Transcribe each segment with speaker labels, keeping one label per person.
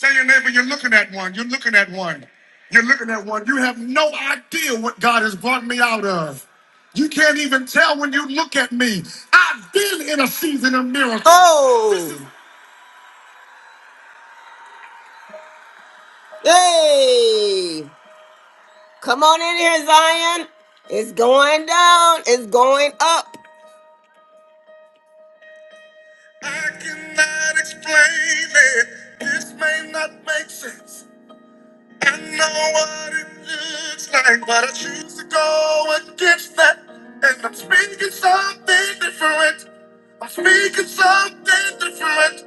Speaker 1: Tell your neighbor you're looking at one. You're looking at one. You're looking at one. You have no idea what God has brought me out of. You can't even tell when you look at me. I've been in a season of miracles. Oh, hey! Come on in here, Zion. It's going down. It's going up. I cannot explain it. This may not make sense. I know what it looks like, but I choose to go against that. And I'm speaking something different. I'm speaking something different.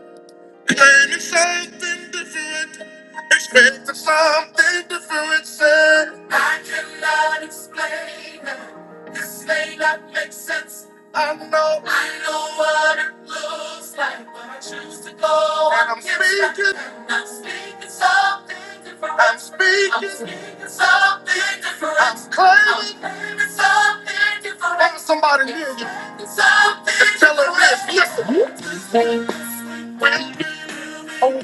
Speaker 1: Claiming something different, expecting something different. Say, I cannot explain it. This may not make sense. I know. I know what it looks like, but I choose to go. And I'm against it. speaking. And I'm speaking something different. I'm speaking. I'm speaking something different. I'm claiming. I'm claiming something different. Tell somebody near you. Something Tell her this. different. Listen. When Miracles,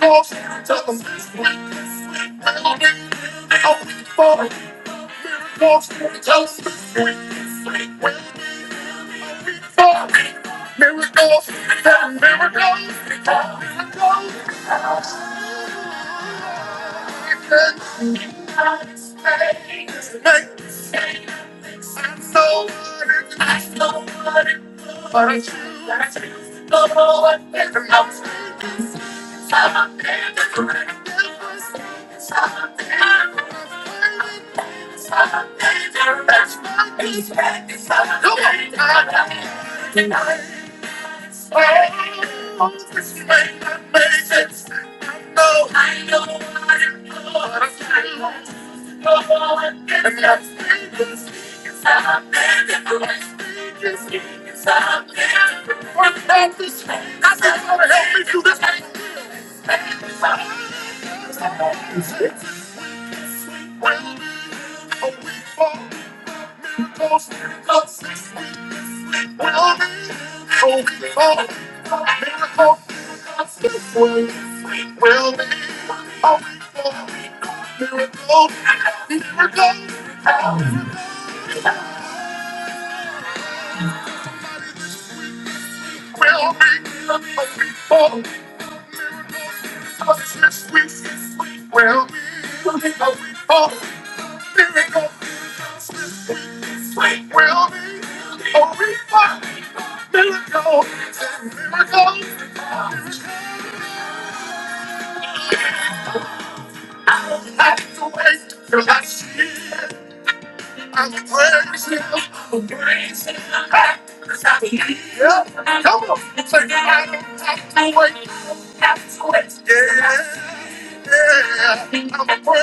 Speaker 1: miracles, miracles, miracles. Come on know. I know what I know. What I know. Miracle, miracle, will be, will be, will be, This week this week, will be a week of miracles. This week this week will be a week of miracles and miracles. I don't have to wait till I see it. I'm praising Him. I'm Praising Him. Cause I believe. Yeah. Come on. Say, I don't have to wait. I don't have to wait. Yeah. Yeah. I'm praising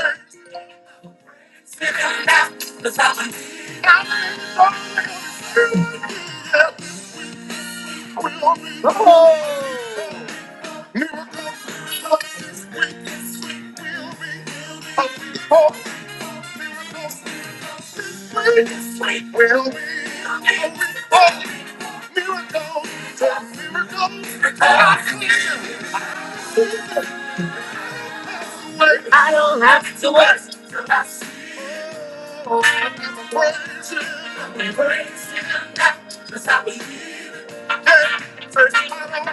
Speaker 1: I don't have to work. Cause I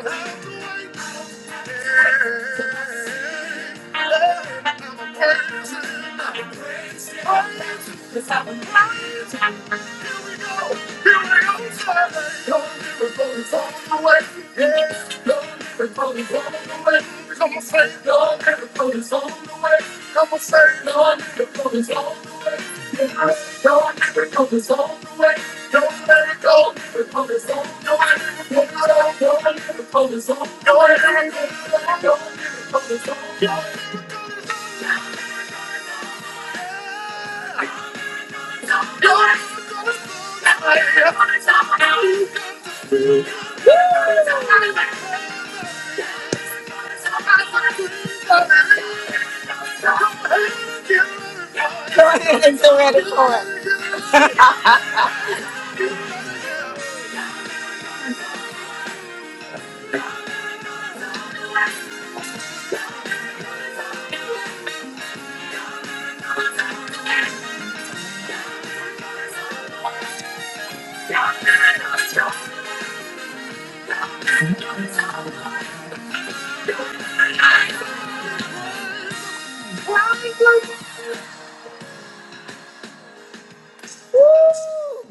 Speaker 1: believe. Come on, say, your miracle is on the way. Your miracle is on the way. Your miracle miracle is on the way. Your miracle is on the way. Your miracle is on the way. Lord, Go ahead and do it for it.